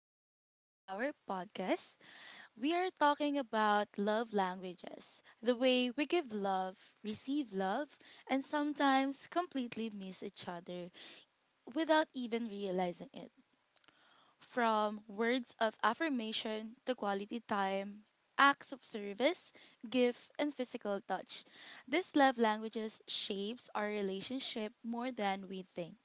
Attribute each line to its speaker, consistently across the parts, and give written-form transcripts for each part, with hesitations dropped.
Speaker 1: welcome back to our podcast. We are talking about love languages, the way we give love, receive love, and sometimes completely miss each other without even realizing it. From words of affirmation to quality time, acts of service, gift, and physical touch. These love languages shapes our relationship more than we think.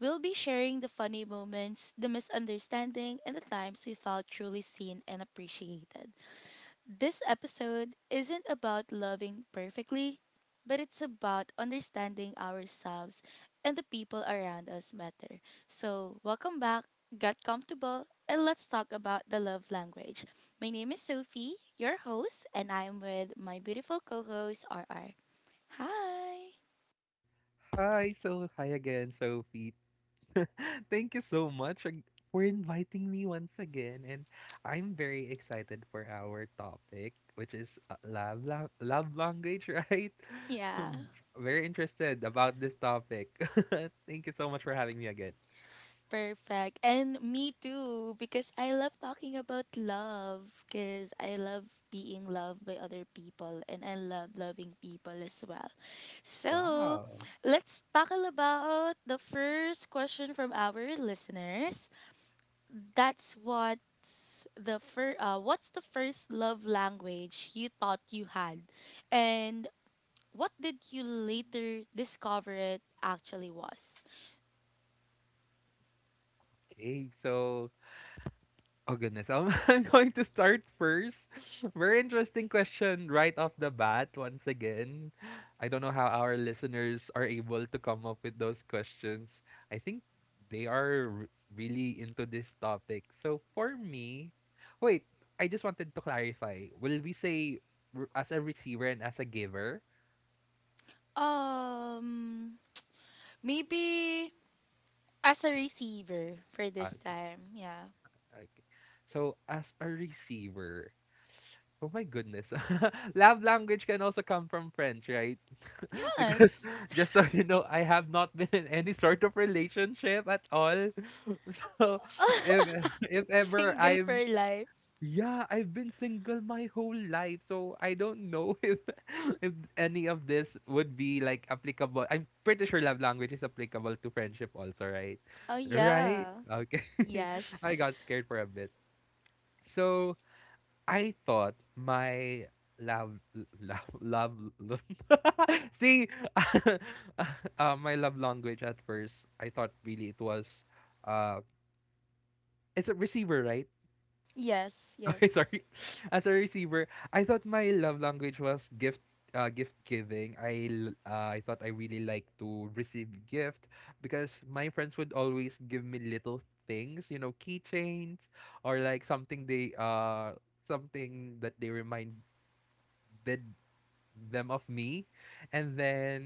Speaker 1: We'll be sharing the funny moments, the misunderstanding, and the times we felt truly seen and appreciated. This episode isn't about loving perfectly, but it's about understanding ourselves and the people around us better. So, welcome back, get comfortable, and let's talk about the love language. My name is Sophie, your host, and I'm with my beautiful co host, RR. Hi!
Speaker 2: Hi, so hi again, Sophie. Thank you so much for inviting me once again, and I'm very excited for our topic, which is love language, right? So
Speaker 1: Yeah.
Speaker 2: I'm very interested about this topic. Thank you so much for having me again.
Speaker 1: Perfect. And me too, because I love talking about love, because I love being loved by other people and I love loving people as well. So
Speaker 2: Wow.
Speaker 1: let's tackle about the first question from our listeners. That's what's the first love language you thought you had? And what did you later discover it actually was?
Speaker 2: Okay, so, oh goodness. I'm going to start first. Very interesting question right off the bat once again. I don't know how our listeners are able to come up with those questions. I think they are really into this topic. So for me, wait, I just wanted to clarify. Will we say as a receiver and as a giver?
Speaker 1: Um maybe as a receiver for
Speaker 2: Ah,
Speaker 1: this
Speaker 2: okay,
Speaker 1: time. Yeah.
Speaker 2: okay. So as a receiver, oh my goodness. Love language can also come from friends, right? Because
Speaker 1: Yes.
Speaker 2: just so you know, I have not been in any sort of relationship at all. So if if ever
Speaker 1: Single
Speaker 2: I'm
Speaker 1: for life.
Speaker 2: yeah, I've been single my whole life, so I don't know if any of this would be like applicable. I'm pretty sure love language is applicable to friendship also, right?
Speaker 1: Oh
Speaker 2: Right?
Speaker 1: yeah.
Speaker 2: Okay.
Speaker 1: Yes.
Speaker 2: I got scared for a bit. So, I thought my love l- love love see my love language at first I thought really it was uh it's a receiver, right?
Speaker 1: Yes. Yes.
Speaker 2: Okay, sorry, as a receiver, I thought my love language was gift giving. I thought I really like to receive gift, because my friends would always give me little things, keychains, or like something they something that they remind did them of me. And then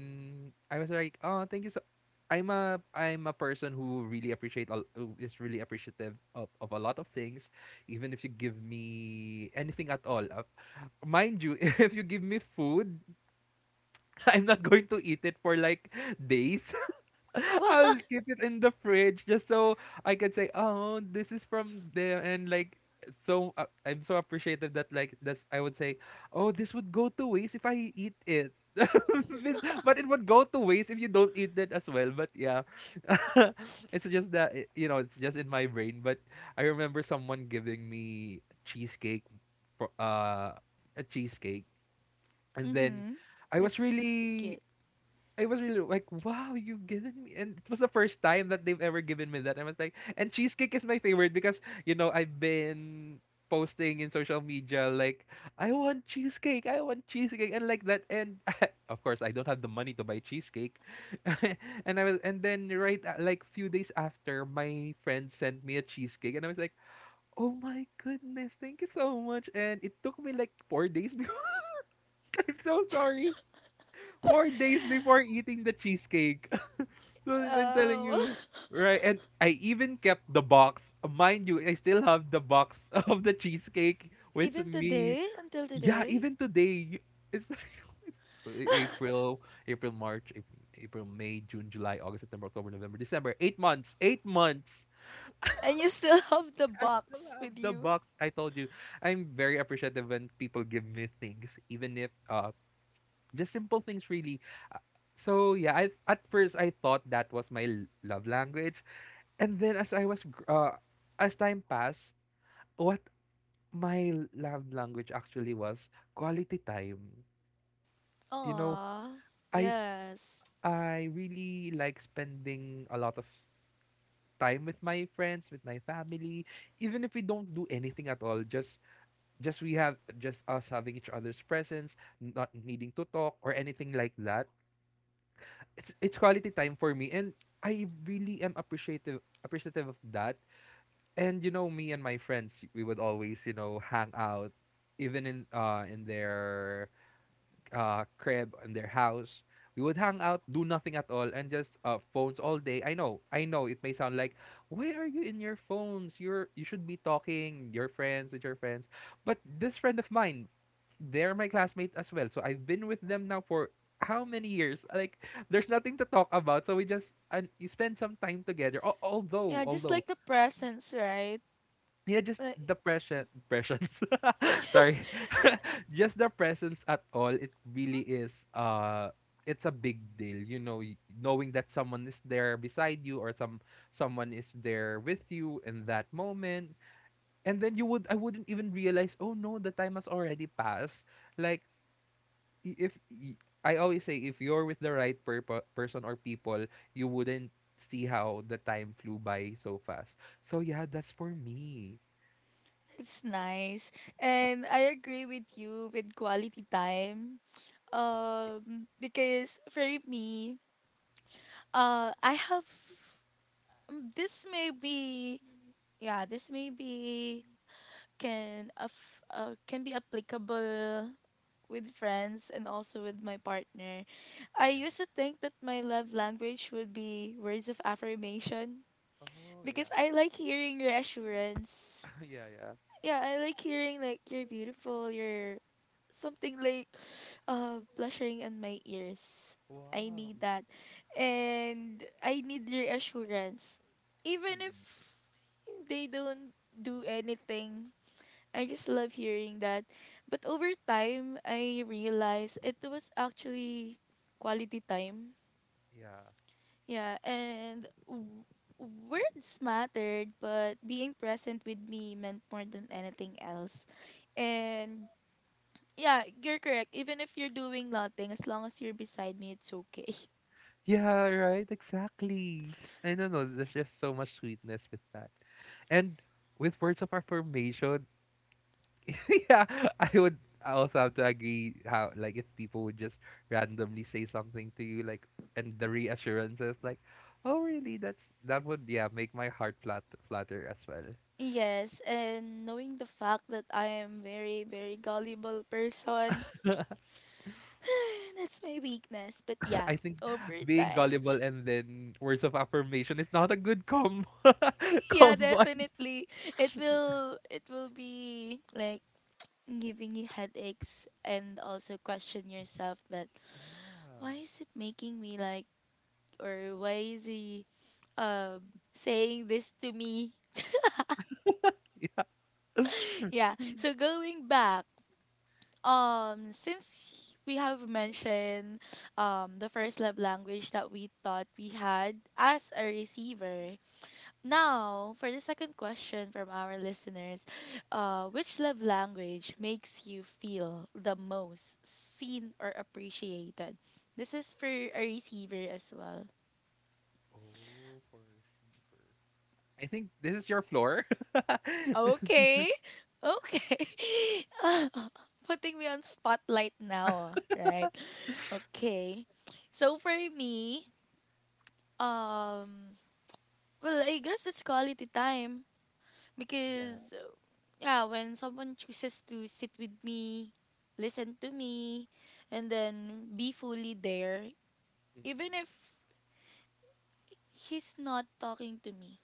Speaker 2: I was like, "Oh, thank you so, I'm a person who really who is really appreciative of a lot of things, even if you give me anything at all." Mind you, if you give me food, I'm not going to eat it for like days.
Speaker 1: Wow.
Speaker 2: I'll keep it in the fridge just so I can say, "Oh, this is from there," and like so I'm so appreciative that, like, that's, I would say, "Oh, this would go to waste if I eat it." But it would go to waste if you don't eat that as well. But yeah, it's just that, it's just in my brain. But I remember someone giving me cheesecake for a cheesecake, and then
Speaker 1: Mm-hmm.
Speaker 2: I was
Speaker 1: That's
Speaker 2: really
Speaker 1: good.
Speaker 2: I was really like, wow, you've given me, and it was the first time that they've ever given me that. I was like, and cheesecake is my favorite, because I've been posting in social media like, I want cheesecake, and like that. And of course, I don't have the money to buy cheesecake, and then like few days after, my friend sent me a cheesecake, and I was like, oh my goodness, thank you so much. And it took me like 4 days before. I'm so sorry. 4 days before eating the cheesecake. So I'm telling
Speaker 1: Oh.
Speaker 2: you, right? And I even kept the box. Mind you, I still have the box of the cheesecake with
Speaker 1: Even
Speaker 2: me.
Speaker 1: today, until
Speaker 2: Yeah,
Speaker 1: today.
Speaker 2: even today, it's like it's April, April, March, April, April, May, June, July, August, September, October, November, December. 8 months. 8 months.
Speaker 1: And you still have the
Speaker 2: I still
Speaker 1: box
Speaker 2: have
Speaker 1: with
Speaker 2: the
Speaker 1: you.
Speaker 2: box. I told you, I'm very appreciative when people give me things, even if just simple things, really. Uh, So yeah, I at first I thought that was my love language, and then as I was gr- as time passed, what my love language actually was quality time. You know,
Speaker 1: Aw.
Speaker 2: I sp-
Speaker 1: Yes.
Speaker 2: I really like spending a lot of time with my friends, with my family, even if we don't do anything at all, just we have just us having each other's presence, not needing to talk or anything like that. It's quality time for me, and I really am appreciative of that. And, me and my friends, we would always hang out, even in their crib, in their house. We would hang out, do nothing at all, and just phones all day. I know it may sound like, why are you in your phones, you should be talking your friends with your friends. But this friend of mine, they're my classmates as well, so I've been with them now for how many years, like, there's nothing to talk about, so we just, and you spend some time together. Al although
Speaker 1: Yeah, just
Speaker 2: although
Speaker 1: like the presents, right?
Speaker 2: yeah, just
Speaker 1: Like,
Speaker 2: the present presence. Sorry. Just the presence at all, it really is it's a big deal, knowing that someone is there beside you, or someone is there with you in that moment. And then you would I wouldn't even realize, "Oh no, the time has already passed." Like, I- if y- I always say, if you're with the right person or people, you wouldn't see how the time flew by so fast. So yeah, that's for me.
Speaker 1: it's nice. And I agree with you with quality time. Because for me, I have, this may be, yeah, this may be, can be applicable with friends and also with my partner. I used to think that my love language would be words of affirmation,
Speaker 2: Oh
Speaker 1: because
Speaker 2: yeah.
Speaker 1: I like hearing reassurance.
Speaker 2: Yeah, yeah.
Speaker 1: Yeah, I like hearing like, you're beautiful, you're something like blushing in my ears. I
Speaker 2: Wow.
Speaker 1: need that. And I need reassurance. Even
Speaker 2: Mm-mm.
Speaker 1: if they don't do anything, I just love hearing that. But over time, I realized it was actually quality time.
Speaker 2: Yeah.
Speaker 1: Yeah, and words mattered, but being present with me meant more than anything else. And yeah, you're correct. Even if you're doing nothing, as long as you're beside me, it's okay.
Speaker 2: Yeah, right, exactly. I don't know, there's just so much sweetness with that. And with words of affirmation, yeah, I would I also have to agree how, like, if people would just randomly say something to you, like, and the reassurances like, oh really, that would, yeah, make my heart flat flutter as well.
Speaker 1: Yes, and knowing the fact that I am very, very gullible person, that's my weakness. But yeah,
Speaker 2: I think
Speaker 1: over
Speaker 2: being
Speaker 1: time,
Speaker 2: gullible and then words of affirmation is not a good combo.
Speaker 1: yeah,
Speaker 2: Combo.
Speaker 1: definitely. It will be like giving you headaches and also question yourself that, why is it making me like, or why is he saying this to me?
Speaker 2: Yeah. Yeah. Mm-mm.
Speaker 1: Yeah. So going back, since we have mentioned the first love language that we thought we had as a receiver, now for the second question from our listeners, which love language makes you feel the most seen or appreciated? This is for a receiver as well.
Speaker 2: Oh, for receiver. I think this is your floor. This is your-
Speaker 1: Okay, okay, putting me on spotlight now, ah, right? Okay. So for me, Um, well, I guess it's quality time,
Speaker 2: Yeah.
Speaker 1: because yeah, when someone chooses to sit with me, listen to me, and then be fully there,
Speaker 2: Mm-mm.
Speaker 1: even if he's not talking to me.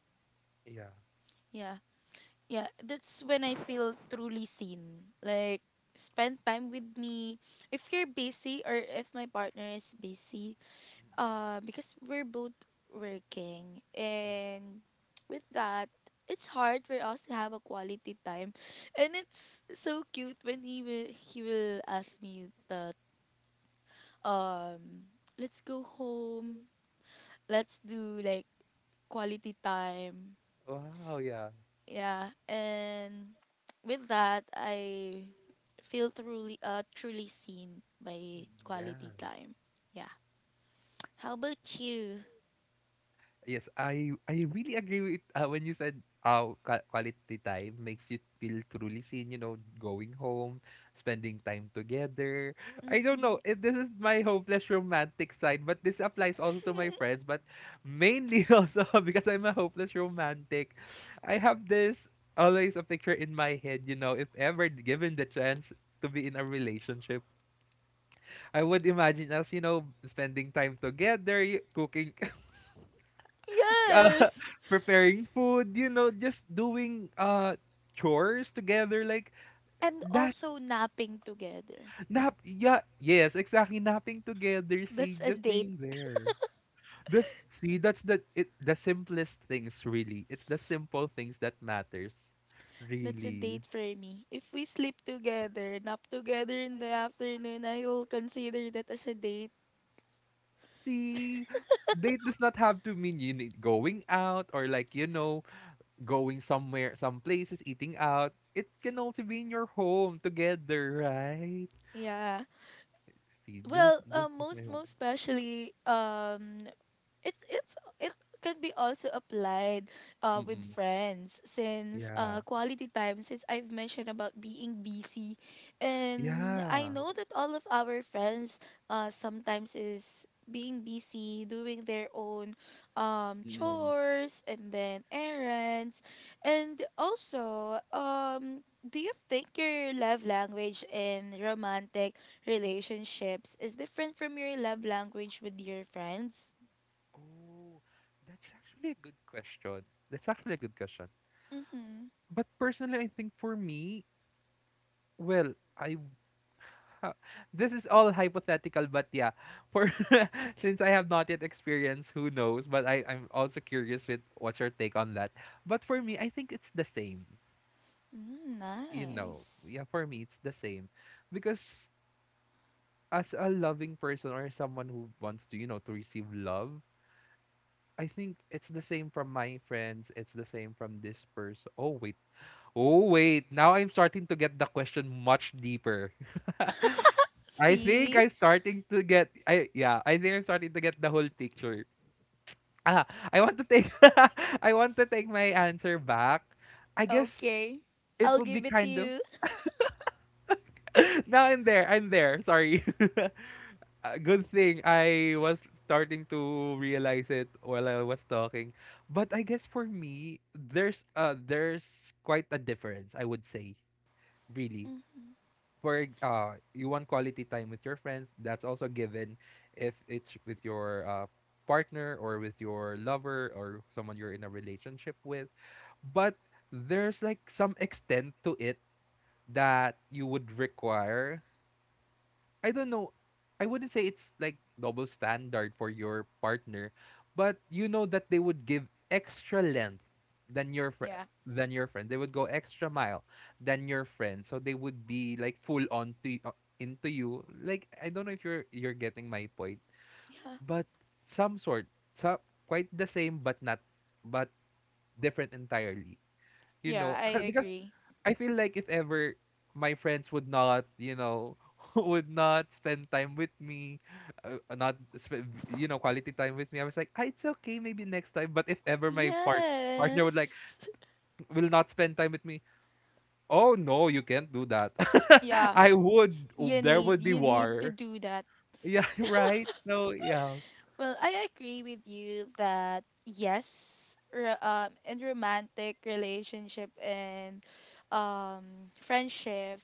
Speaker 2: Yeah.
Speaker 1: Yeah. Yeah, that's when I feel truly seen. Like, spend time with me. If you're busy or if my partner is busy,
Speaker 2: Mm-mm.
Speaker 1: because we're both working,
Speaker 2: Yeah.
Speaker 1: and with that it's hard for us to have a quality time. And it's so cute when he will ask me that, um let's go home, let's do like quality time.
Speaker 2: Wow. Yeah.
Speaker 1: Yeah, and with that I feel truly, truly seen by
Speaker 2: Mm-mm. Yeah.
Speaker 1: quality time. Yeah, how about you?
Speaker 2: Yes, I really agree with, when you said, quality time makes you feel truly seen, going home, spending time together. I don't know
Speaker 1: Mm-hmm.
Speaker 2: if this is my hopeless romantic side, but this applies also to my friends, but mainly also because I'm a hopeless romantic. I have this, always a picture in my head, you know, if ever given the chance to be in a relationship, I would imagine us, spending time together, cooking uh,
Speaker 1: Yes.
Speaker 2: preparing food, you know, just doing chores together, like
Speaker 1: And
Speaker 2: that
Speaker 1: also napping together.
Speaker 2: nap yeah, yes, exactly, napping together. See,
Speaker 1: That's a
Speaker 2: just
Speaker 1: date.
Speaker 2: being there, that's the simplest things, really. It's the simple things that matters,
Speaker 1: That's a
Speaker 2: really.
Speaker 1: date for me. If we sleep together, nap together in the afternoon, I will consider that as a date.
Speaker 2: See, date does not have to mean you need going out, or, like, going somewhere, some places, eating out. It can also be in your home together, right?
Speaker 1: Yeah.
Speaker 2: See, this is
Speaker 1: Well,
Speaker 2: my
Speaker 1: most
Speaker 2: home.
Speaker 1: most especially, it can be also applied with
Speaker 2: Mm-mm.
Speaker 1: friends, since
Speaker 2: Yeah.
Speaker 1: quality time, since I've mentioned about being busy. And I
Speaker 2: Yeah.
Speaker 1: know that all of our friends sometimes is being busy doing their own
Speaker 2: Mm-mm.
Speaker 1: chores and then errands. And also, do you think your love language in romantic relationships is different from your love language with your friends?
Speaker 2: Oh, that's actually a good question. That's actually a good question.
Speaker 1: Mhm.
Speaker 2: But personally, I think for me, well, ha- this is all hypothetical, but yeah, for since I have not yet experienced, who knows? But I'm also curious with what's your take on that. But for me, I think it's the same.
Speaker 1: Mm,
Speaker 2: You know,
Speaker 1: nice.
Speaker 2: yeah, for me it's the same, because as a loving person, or someone who wants to, to receive love, I think it's the same from my friends. It's the same from this person. Oh, wait. Oh, wait. Now I'm starting to get the question much deeper. I think
Speaker 1: See?
Speaker 2: I'm starting to get, I yeah, I think I'm starting to get the whole picture. Ah, I want to take I want to take my answer back. I guess
Speaker 1: Okay.
Speaker 2: it
Speaker 1: I'll
Speaker 2: would be
Speaker 1: give it to
Speaker 2: kind of,
Speaker 1: you.
Speaker 2: now I'm there. I'm there. Sorry. Good thing I was starting to realize it while I was talking. But I guess for me, there's quite a difference, I would say, really.
Speaker 1: Mm,
Speaker 2: For you want quality time with your friends, that's also given, if it's with your partner, or with your lover, or someone you're in a relationship with. But there's, like, some extent to it that you would require, I don't know. I wouldn't say it's, like, double standard for your partner, but you know that they would give extra length than
Speaker 1: yeah.
Speaker 2: than your friend. They would go extra mile than your friend. So they would be, like, full on into you. Like I don't know if you're getting my point,
Speaker 1: Yeah.
Speaker 2: but some sort, so quite the same but not but different entirely
Speaker 1: Yeah, I
Speaker 2: because
Speaker 1: agree.
Speaker 2: I feel like if ever my friends would not you know would not spend time with me, not spend quality time with me. I was like, it's okay, maybe next time. But if ever my partner would like
Speaker 1: Yes.
Speaker 2: will not spend time with me, oh no, you can't do that.
Speaker 1: Yeah, you
Speaker 2: There
Speaker 1: need
Speaker 2: would be
Speaker 1: you need to
Speaker 2: war.
Speaker 1: do that.
Speaker 2: Yeah. Right, so yeah.
Speaker 1: Well, I agree with you that yes, in romantic relationship and friendship,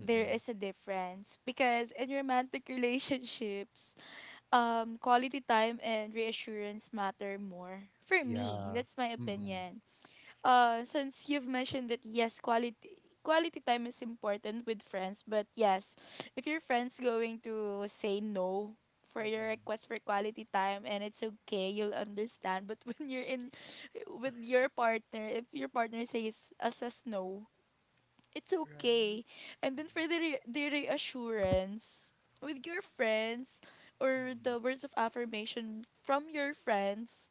Speaker 1: there is a difference, because in romantic relationships, quality time and reassurance matter more for me.
Speaker 2: Yeah.
Speaker 1: That's my
Speaker 2: Mm-mm.
Speaker 1: opinion. Since you've mentioned that, yes, quality time is important with friends, but yes, if your friends going to say no for your
Speaker 2: Mm-mm.
Speaker 1: request for quality time, and it's okay, you'll understand. But when you're in with your partner, if your partner says no, it's
Speaker 2: Right.
Speaker 1: okay. And then for
Speaker 2: Mm-mm.
Speaker 1: the reassurance with your friends, or the
Speaker 2: Mm-mm.
Speaker 1: words of affirmation from your friends,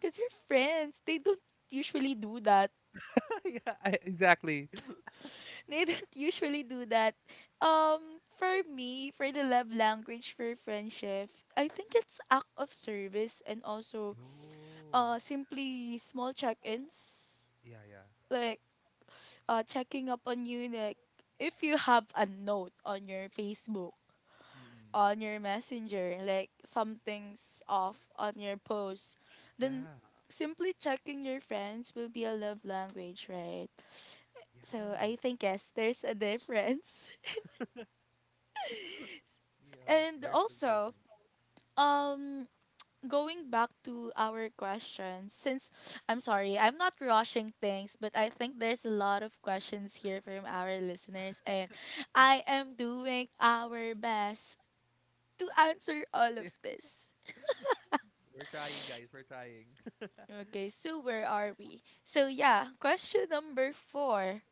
Speaker 1: because your friends, they don't usually do that.
Speaker 2: Yeah. Exactly.
Speaker 1: They don't usually do that. For me, for the love language for friendship, I think it's act of service, and also
Speaker 2: Oh.
Speaker 1: simply small check-ins,
Speaker 2: Yeah, yeah.
Speaker 1: like checking up on you, like if you have a note on your Facebook,
Speaker 2: Mm-mm.
Speaker 1: on your messenger, like something's off on your post, then
Speaker 2: Yeah.
Speaker 1: simply checking your friends will be a love language, right?
Speaker 2: Yeah.
Speaker 1: So I think yes, there's a difference.
Speaker 2: Yeah.
Speaker 1: And
Speaker 2: There's some
Speaker 1: also,
Speaker 2: difference.
Speaker 1: um going back to our questions, since, I'm sorry, I'm not rushing things, but I think there's a lot of questions here from our listeners and I am doing our best to answer all
Speaker 2: Yeah.
Speaker 1: of this.
Speaker 2: We're trying, guys. We're trying.
Speaker 1: Okay, so where are we? So yeah, question number four.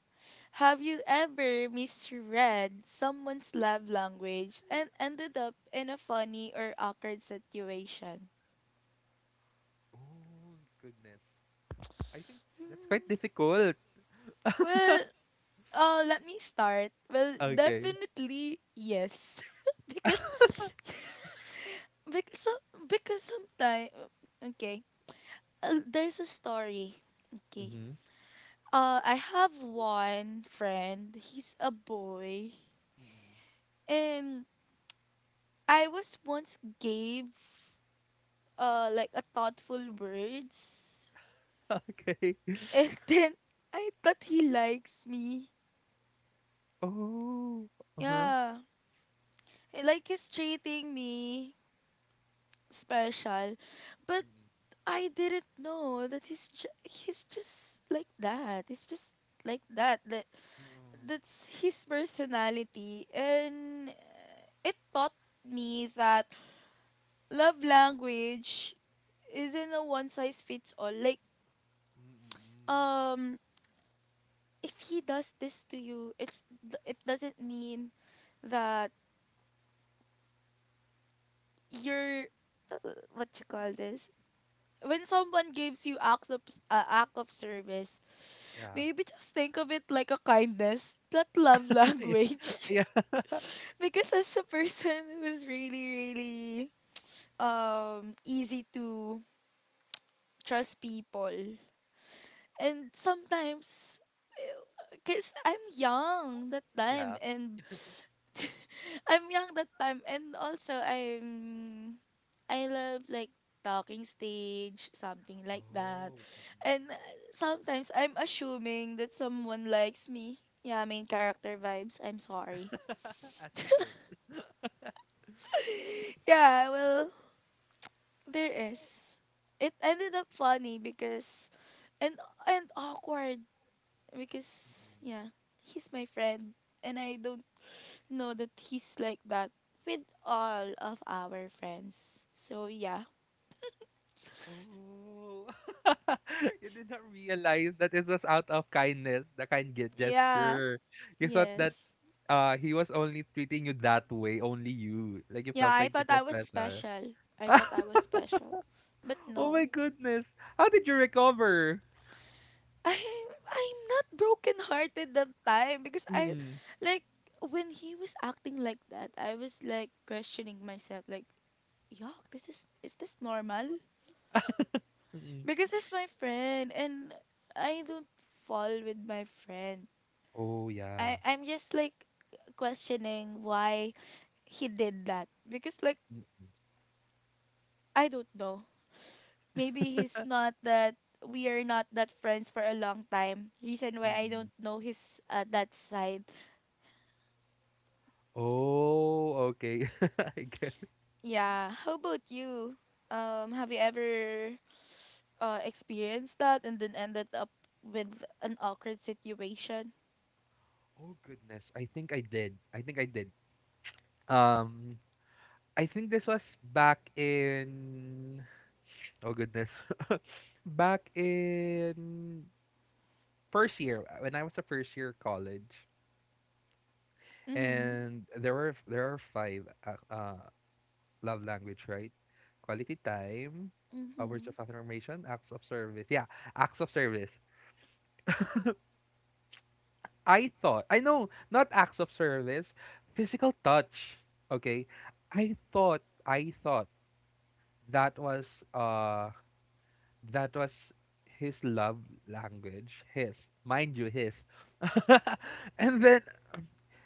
Speaker 1: Have you ever misread someone's love language and ended up in a funny or awkward situation?
Speaker 2: Oh, goodness. I think that's quite difficult.
Speaker 1: Well, let me start. Well,
Speaker 2: Okay.
Speaker 1: definitely yes. because because some because sometimes, okay, there's a story. Okay,
Speaker 2: Mm-hmm.
Speaker 1: I have one friend, he's a boy.
Speaker 2: Mm-mm.
Speaker 1: And I was once gave like a thoughtful words,
Speaker 2: Okay.
Speaker 1: and then I thought he likes me.
Speaker 2: Oh. Uh-huh.
Speaker 1: Yeah. Like he's treating me special. But
Speaker 2: Mm-mm.
Speaker 1: I didn't know that he's just like that. He's just like that. That
Speaker 2: No.
Speaker 1: that's his personality, and it taught me that love language isn't a one size fits all. Like,
Speaker 2: Mm-mm.
Speaker 1: um if he does this to you, it doesn't mean that you're, what you call this. When someone gives you act of service,
Speaker 2: Yeah.
Speaker 1: maybe just think of it like a kindness, not love language.
Speaker 2: Yeah. Yeah.
Speaker 1: Because as a person who's really, really easy to trust people, and sometimes because I'm young that time,
Speaker 2: Yeah.
Speaker 1: and I'm young that time, and also I love like talking stage something like that.
Speaker 2: Oh. Mm-mm.
Speaker 1: And sometimes I'm assuming that someone likes me. Yeah, main character vibes, I'm sorry.
Speaker 2: As you should.
Speaker 1: Yeah, well, there is it ended up funny, because and and awkward, because
Speaker 2: Mm-mm.
Speaker 1: yeah, he's my friend, and I don't know that he's like that with all of our friends. So yeah.
Speaker 2: Oh, you did not realize that it was out of kindness, the kind ge-
Speaker 1: Yeah.
Speaker 2: gesture. You thought that
Speaker 1: Yes.
Speaker 2: he was only treating you that way, only you. Like you
Speaker 1: Yeah,
Speaker 2: felt
Speaker 1: I
Speaker 2: like it
Speaker 1: thought I
Speaker 2: was
Speaker 1: was
Speaker 2: special.
Speaker 1: special. I thought I was special. But
Speaker 2: Oh my
Speaker 1: no.
Speaker 2: goodness. How did you recover?
Speaker 1: I I'm not broken hearted that time, because I,
Speaker 2: Mm-mm.
Speaker 1: like when he was acting like that, I was like questioning myself like, "Yuck, this is this normal?"
Speaker 2: Mm-mm.
Speaker 1: Because he's my friend and I don't fall with my friend.
Speaker 2: Oh
Speaker 1: I
Speaker 2: yeah.
Speaker 1: I'm just like questioning why he did that, because like
Speaker 2: Mm-mm.
Speaker 1: I don't know. Maybe he's not that, we are not that friends for a long time. Reason why I
Speaker 2: Mm-mm.
Speaker 1: don't know his that side.
Speaker 2: Oh, okay. I get.
Speaker 1: Yeah. How about you? Have you ever experienced that and then ended up with an awkward situation?
Speaker 2: Oh goodness. I think I did. I think I did. Um I think this was back in, oh goodness, back in first year, when I was a first year college.
Speaker 1: Mhm.
Speaker 2: And there are five love language, right? Quality time, words of
Speaker 1: Mhm.
Speaker 2: affirmation, acts of service. Yeah, acts of service. I thought I know, not acts of service, physical touch. Okay. I thought that was uh that was his love language. His, mind you, his and then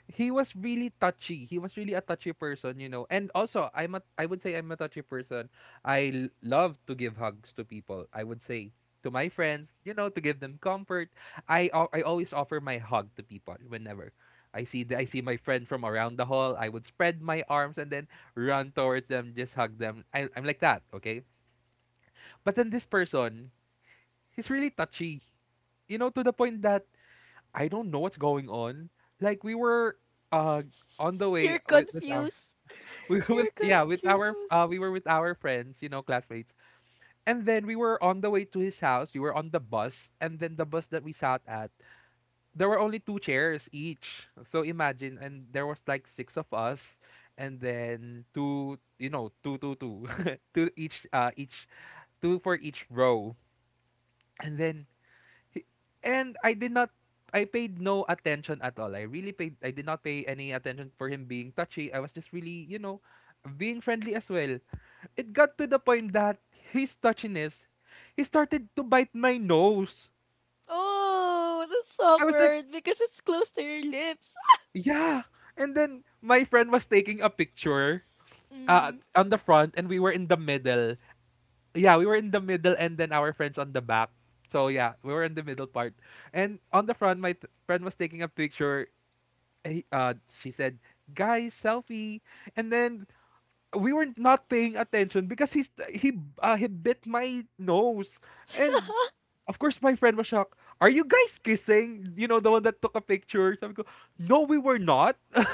Speaker 2: he was really touchy he was really a touchy person, you know. And also, I would say I'm a touchy person. I love to give hugs to people. I would say to my friends, you know, to give them comfort. I always offer my hug to people whenever I see my friend from around the hall. I would spread my arms and then run towards them, just hug them. I'm like that, okay? But then this person, he's really touchy. You know, to the point that I don't know what's going on. Like we were uh on the way
Speaker 1: You're
Speaker 2: with our
Speaker 1: confused.
Speaker 2: we were with,
Speaker 1: You're
Speaker 2: yeah, with our uh we
Speaker 1: confused.
Speaker 2: were with our friends, you know, classmates. And then we were on the way to his house. We were on the bus, and then the bus that we sat at, there were only two chairs each. So imagine, and there was like six of us, and then two, two two two two each, each two for each row. And then He- and I did not I paid no attention at all. I really paid I did not pay any attention for him being touchy. I was just really, you know, being friendly as well. It got to the point that his touchiness, he started to bite my nose.
Speaker 1: Oh, that's
Speaker 2: I was like,
Speaker 1: awkward because it's close to your lips.
Speaker 2: yeah. And then my friend was taking a picture,
Speaker 1: Mm.
Speaker 2: on the front, and we were in the middle. Yeah, we were in the middle, and then our friends on the back. So yeah, we were in the middle part. And on the front, my friend was taking a picture. Hey, she said, "Guys, selfie." And then we were not paying attention because he bit my nose. And of course my friend was shocked. Are you guys kissing? You know, the one that took a picture. So I go, "No, we were not." And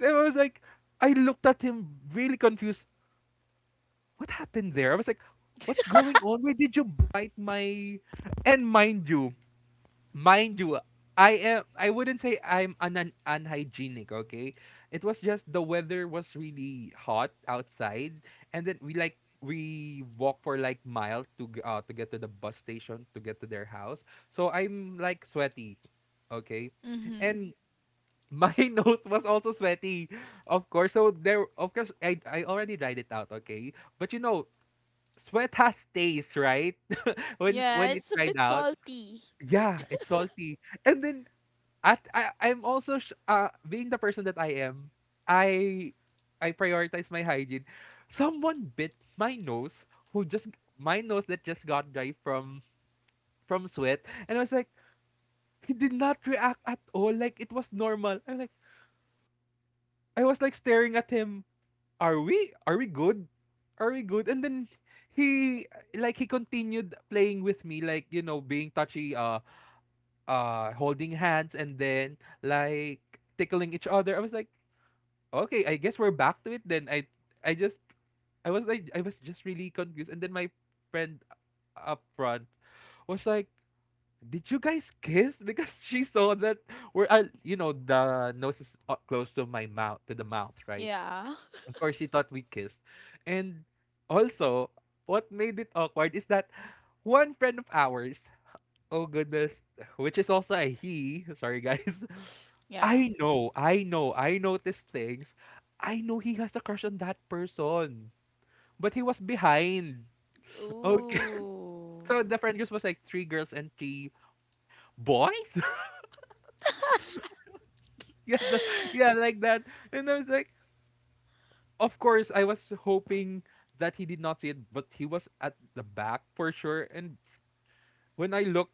Speaker 2: I was like, I looked at him really confused. What happened there? I was like, "What's going on? Why did you bite my?" And mind you, I wouldn't say I'm an, un unhygienic, okay? It was just the weather was really hot outside, and then we walk for like mile to get to the bus station to get to their house. So I'm like sweaty, okay?
Speaker 1: Mm-hmm.
Speaker 2: And my nose was also sweaty, of course. So there, of course, I already dried it out, okay? But you know, sweat has taste, right? When
Speaker 1: Yeah,
Speaker 2: when it
Speaker 1: it's a
Speaker 2: dried
Speaker 1: bit
Speaker 2: out,
Speaker 1: salty.
Speaker 2: yeah, it's salty. And then at I, I'm also sh- being the person that I am, I I prioritize my hygiene. Someone bit my nose, who just my nose that just got dry from sweat, and I was like he did not react at all, like it was normal. I'm like, I was like staring at him. Are we good? Are we good? And then he, he continued playing with me, like you know, being touchy, holding hands, and then like tickling each other. I was like, okay, I guess we're back to it then. I just I was like I was just really confused. And then my friend up front was like, "Did you guys kiss?" because she saw that we're, you know, the nose is, close to the mouth, right?
Speaker 1: Yeah.
Speaker 2: Of course, she thought we kissed. And also, what made it awkward is that one friend of ours, oh goodness, which is also a he. Sorry guys.
Speaker 1: Yeah.
Speaker 2: I know, I know, I noticed things. I know he has a crush on that person. But he was behind. Okay.
Speaker 1: Ooh.
Speaker 2: So the friend group was like three girls and three boys? Yeah, the, yeah, like that. And I was like, of course, I was hoping that he did not see it, but he was at the back for sure. And when I looked,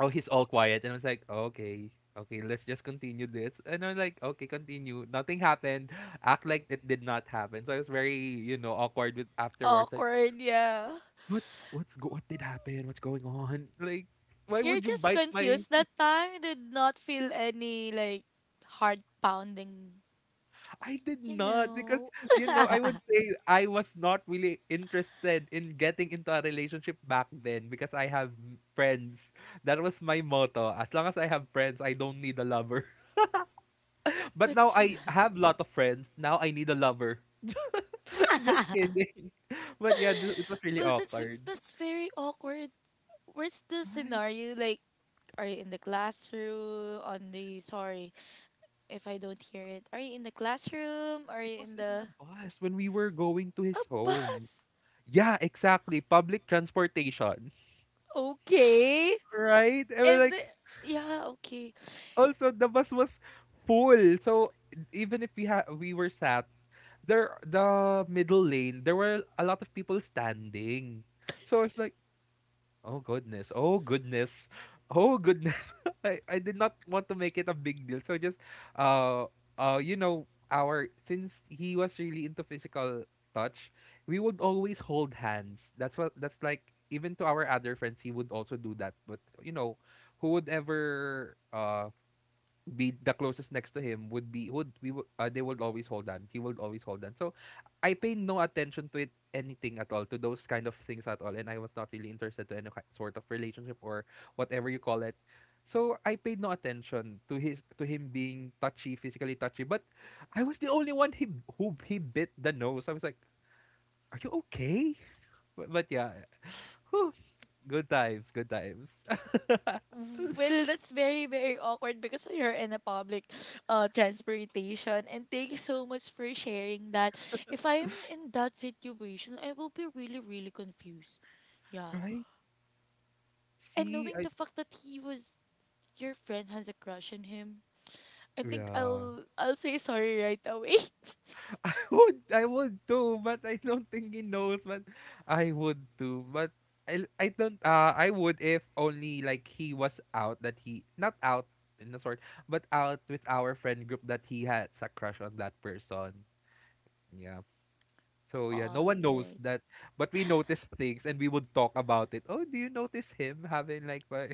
Speaker 2: oh, he's all quiet, and I was like okay, okay let's just continue this. And I'm like okay, continue, nothing happened. Act like it did not happen. So I was very, you know, awkward with afterwards, like
Speaker 1: Awkward, yeah.
Speaker 2: what what did happen, what's going on, like why
Speaker 1: You're
Speaker 2: would you
Speaker 1: just
Speaker 2: bite my?
Speaker 1: confused. That time you did not feel any like heart pounding,
Speaker 2: I did
Speaker 1: you
Speaker 2: not, because
Speaker 1: know.
Speaker 2: you know, I would say I was not really interested in getting into a relationship back then, because I have friends. That was my motto: as long as I have friends, I don't need a lover. But now
Speaker 1: That's
Speaker 2: I
Speaker 1: nice.
Speaker 2: have a lot of friends. Now I need a lover. Just kidding. But yeah, it was really
Speaker 1: Well, that's
Speaker 2: awkward.
Speaker 1: that's very awkward. Where's the
Speaker 2: Right.
Speaker 1: scenario? Like, are you in the classroom on the sorry if I don't hear it. Are you in the classroom? Are
Speaker 2: It
Speaker 1: you
Speaker 2: was
Speaker 1: in
Speaker 2: in
Speaker 1: the
Speaker 2: the bus when we were going to
Speaker 1: a
Speaker 2: his home.
Speaker 1: bus?
Speaker 2: Yeah, exactly. Public transportation.
Speaker 1: Okay.
Speaker 2: Right? I was
Speaker 1: And the,
Speaker 2: like,
Speaker 1: yeah, okay.
Speaker 2: also the bus was full. So even if we were sat there, the middle lane, there were a lot of people standing. So it's like, oh goodness. Oh goodness. Oh goodness. I did not want to make it a big deal. So just uh you know our since he was really into physical touch, we would always hold hands. That's what, that's like, even to our other friends he would also do that. But you know, who would ever be the closest next to him would be would we would they would always hold on he would always hold on. So I pay no attention to it, anything at all, to those kind of things at all. And I was not really interested to any sort of relationship or whatever you call it. So I paid no attention to his to him being touchy, physically touchy. But I was the only one he who he bit the nose. I was like, are you okay? But yeah. Whew, good times, good times.
Speaker 1: Well, that's very, very awkward because you're in a public transportation, and thank you so much for sharing that. If I'm in that situation, I will be really, really confused. Yeah.
Speaker 2: Right?
Speaker 1: And
Speaker 2: see
Speaker 1: knowing
Speaker 2: I
Speaker 1: the fact that he was your friend has a crush on him, I think
Speaker 2: Yeah,
Speaker 1: I'll say sorry right away.
Speaker 2: I would too, but I don't think he knows. But I would too. But I don't, I would, if only like he was out, that he not out in a sort, but out with our friend group, that he had a crush on that person. Yeah. So yeah, no
Speaker 1: All
Speaker 2: one knows
Speaker 1: right.
Speaker 2: that, but we notice things and we would talk about it. Oh, do you notice him having like but?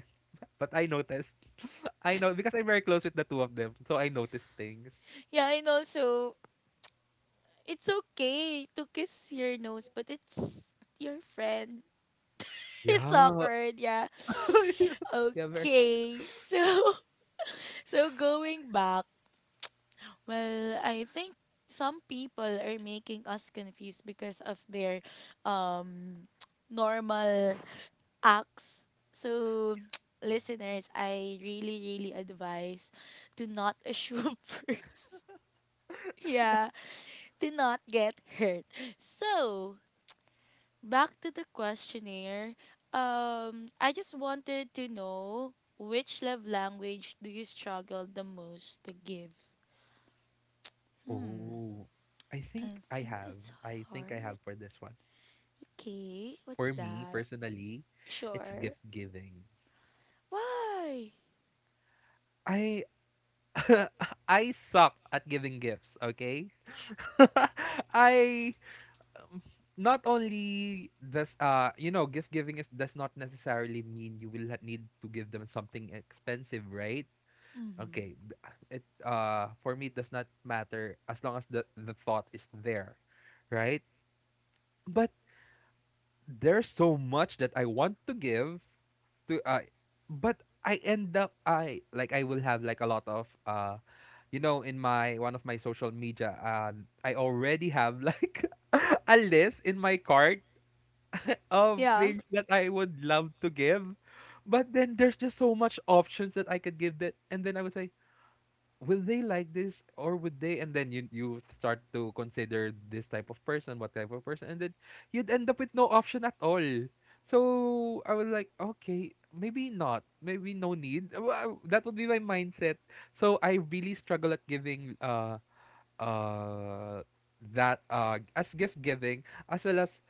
Speaker 2: But I noticed. I know because I'm very close with the two of them, so I noticed things.
Speaker 1: Yeah, and also, it's okay to kiss your nose, but it's your friend. It's
Speaker 2: Yeah.
Speaker 1: awkward, yeah.
Speaker 2: Yeah, very.
Speaker 1: Okay. So so going back, well, I think some people are making us confused because of their um normal acts. So listeners, I really, really advise to not assume first. Yeah, to not get hurt. So, back to the questionnaire. I just wanted to know, which love language do you struggle the most to give? Hmm,
Speaker 2: Oh, I think
Speaker 1: I
Speaker 2: I
Speaker 1: think
Speaker 2: have.
Speaker 1: that's
Speaker 2: I think I
Speaker 1: hard.
Speaker 2: have for this one.
Speaker 1: Okay, what's
Speaker 2: For me
Speaker 1: that?
Speaker 2: personally, it's
Speaker 1: Sure.
Speaker 2: gift giving.
Speaker 1: Why?
Speaker 2: I I suck at giving gifts, okay? I, um, not only does gift giving is does not necessarily mean you will need to give them something expensive, right?
Speaker 1: Mm-hmm.
Speaker 2: Okay, th- it for me it does not matter, as long as the thought is there, right? But there's so much that I want to give to but I end up I will have like a lot of in my one of my social media. I already have like a list in my cart of
Speaker 1: Yeah.
Speaker 2: things that I would love to give, but then there's just so much options that I could give. That and then I would say, will they like this, or would they? And then you start to consider this type of person, what type of person, and then you'd end up with no option at all. So I was like, okay, maybe not, maybe no need. That would be my mindset. So I really struggle at giving, uh that as gift giving, as well as,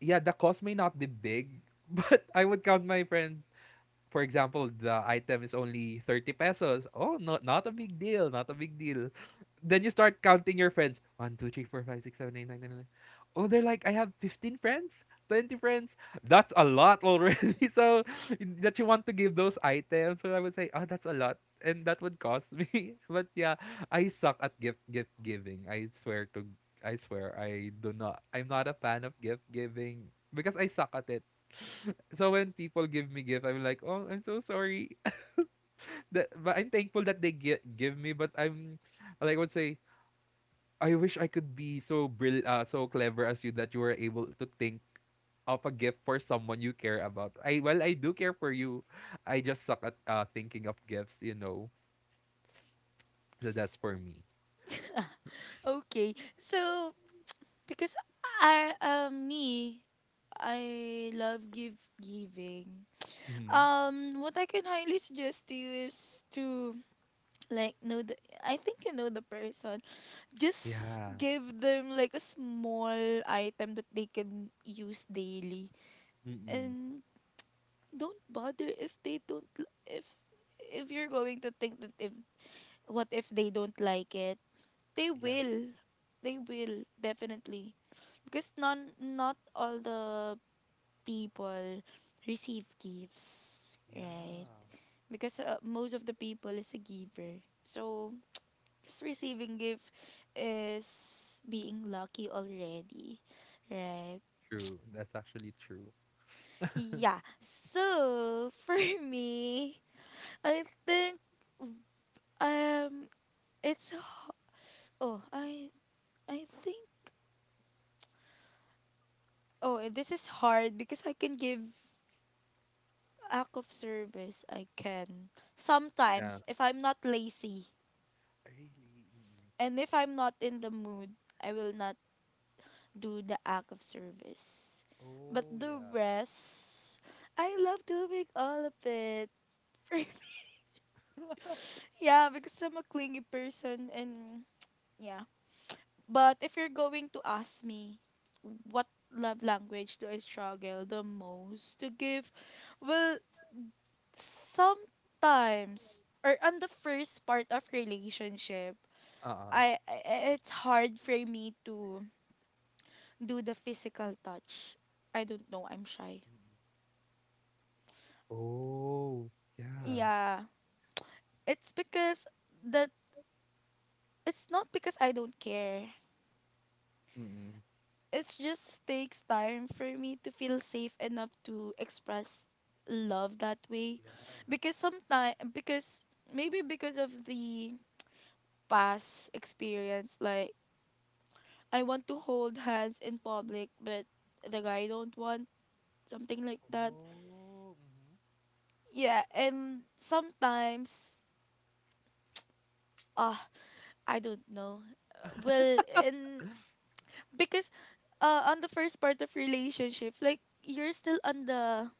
Speaker 2: yeah, the cost may not be big. But I would count my friends. For example, the item is only 30 pesos. Oh, not a big deal, not a big deal. Then you start counting your friends. one, two, three, four, five, six, seven, eight, nine, ten, 11. Oh, they're like, I have 15 friends, 20 friends. That's a lot already. So that you want to give those items. So I would say, oh, that's a lot. And that would cost me. But yeah, I suck at gift giving. I swear I'm not a fan of gift giving because I suck at it. So when people give me gift, I'm like, oh, I'm so sorry. But I'm thankful that they give me. But I'm, like, I would say, I wish I could be so clever as you, that you were able to think of a gift for someone you care about. I Well, I do care for you. I just suck at thinking of gifts. So that's for me.
Speaker 1: Okay. So because I me, I love give giving.
Speaker 2: Hmm.
Speaker 1: What I can highly suggest to you is to like know the I think you know the person. Just
Speaker 2: Yeah.
Speaker 1: give them like a small item that they can use daily.
Speaker 2: Mm-mm.
Speaker 1: And don't bother if they don't if you're going to think that if what if they don't like it, they
Speaker 2: Yeah.
Speaker 1: will. They will definitely. Because non not all the people receive gifts, right?
Speaker 2: Yeah.
Speaker 1: Because most of the people is a giver. So just receiving gift is being lucky already, right?
Speaker 2: True. That's actually true.
Speaker 1: Yeah. So for me, I think um it's h- oh I think oh and this is hard because I can give act of service. I can
Speaker 2: Yeah.
Speaker 1: sometimes if I'm not lazy
Speaker 2: Really. Mm-mm.
Speaker 1: and if I'm not in the mood, I will not do the act of service. But
Speaker 2: Oh,
Speaker 1: the
Speaker 2: yeah.
Speaker 1: rest, I love doing all of it. For me. Yeah, because I'm a clingy person and yeah. But if you're going to ask me what love language do I struggle the most to give, well, sometimes or on the first part of relationship,
Speaker 2: Uh-uh.
Speaker 1: I it's hard for me to do the physical touch. I don't know, I'm shy.
Speaker 2: Mm-mm. Oh, yeah.
Speaker 1: Yeah. It's because that it's not because I don't care.
Speaker 2: Mm.
Speaker 1: It just takes time for me to feel safe enough to express love that way.
Speaker 2: Yeah.
Speaker 1: Because sometimes because maybe because of the past experience like I want to hold hands in public but the guy don't want something like that.
Speaker 2: Oh, mhm.
Speaker 1: Yeah, and sometimes ah I don't know. Well, in because on the first part of relationship like you're still on the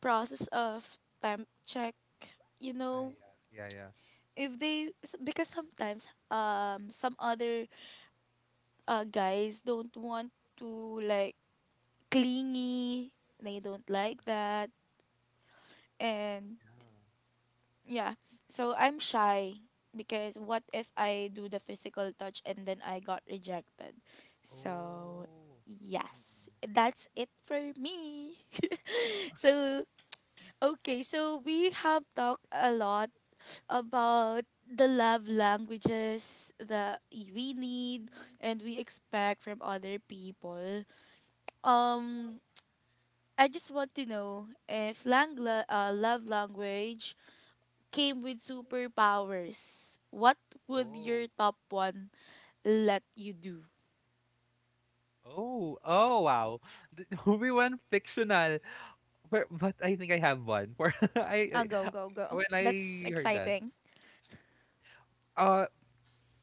Speaker 1: process of time check, you
Speaker 2: Ah,
Speaker 1: know,
Speaker 2: yeah. Yeah, yeah.
Speaker 1: if they s- because sometimes some other guys don't want to like clingy, they don't
Speaker 2: Mm.
Speaker 1: like that. And
Speaker 2: Yeah.
Speaker 1: yeah, so I'm shy because what if I do the physical touch and then I got rejected? So
Speaker 2: Oh.
Speaker 1: yes,
Speaker 2: Mm.
Speaker 1: that's it for me. so okay, so we have talked a lot about the love languages that we need
Speaker 2: Mm.
Speaker 1: and we expect from other people. Um, I just want to know if love language came with superpowers, what would your
Speaker 2: Oh.
Speaker 1: top one let you do?
Speaker 2: Oh. Oh, wow. We went fictional. But I think I have one. For
Speaker 1: Go,
Speaker 2: I
Speaker 1: go, go.
Speaker 2: when
Speaker 1: That's
Speaker 2: I heard that.
Speaker 1: exciting.
Speaker 2: Uh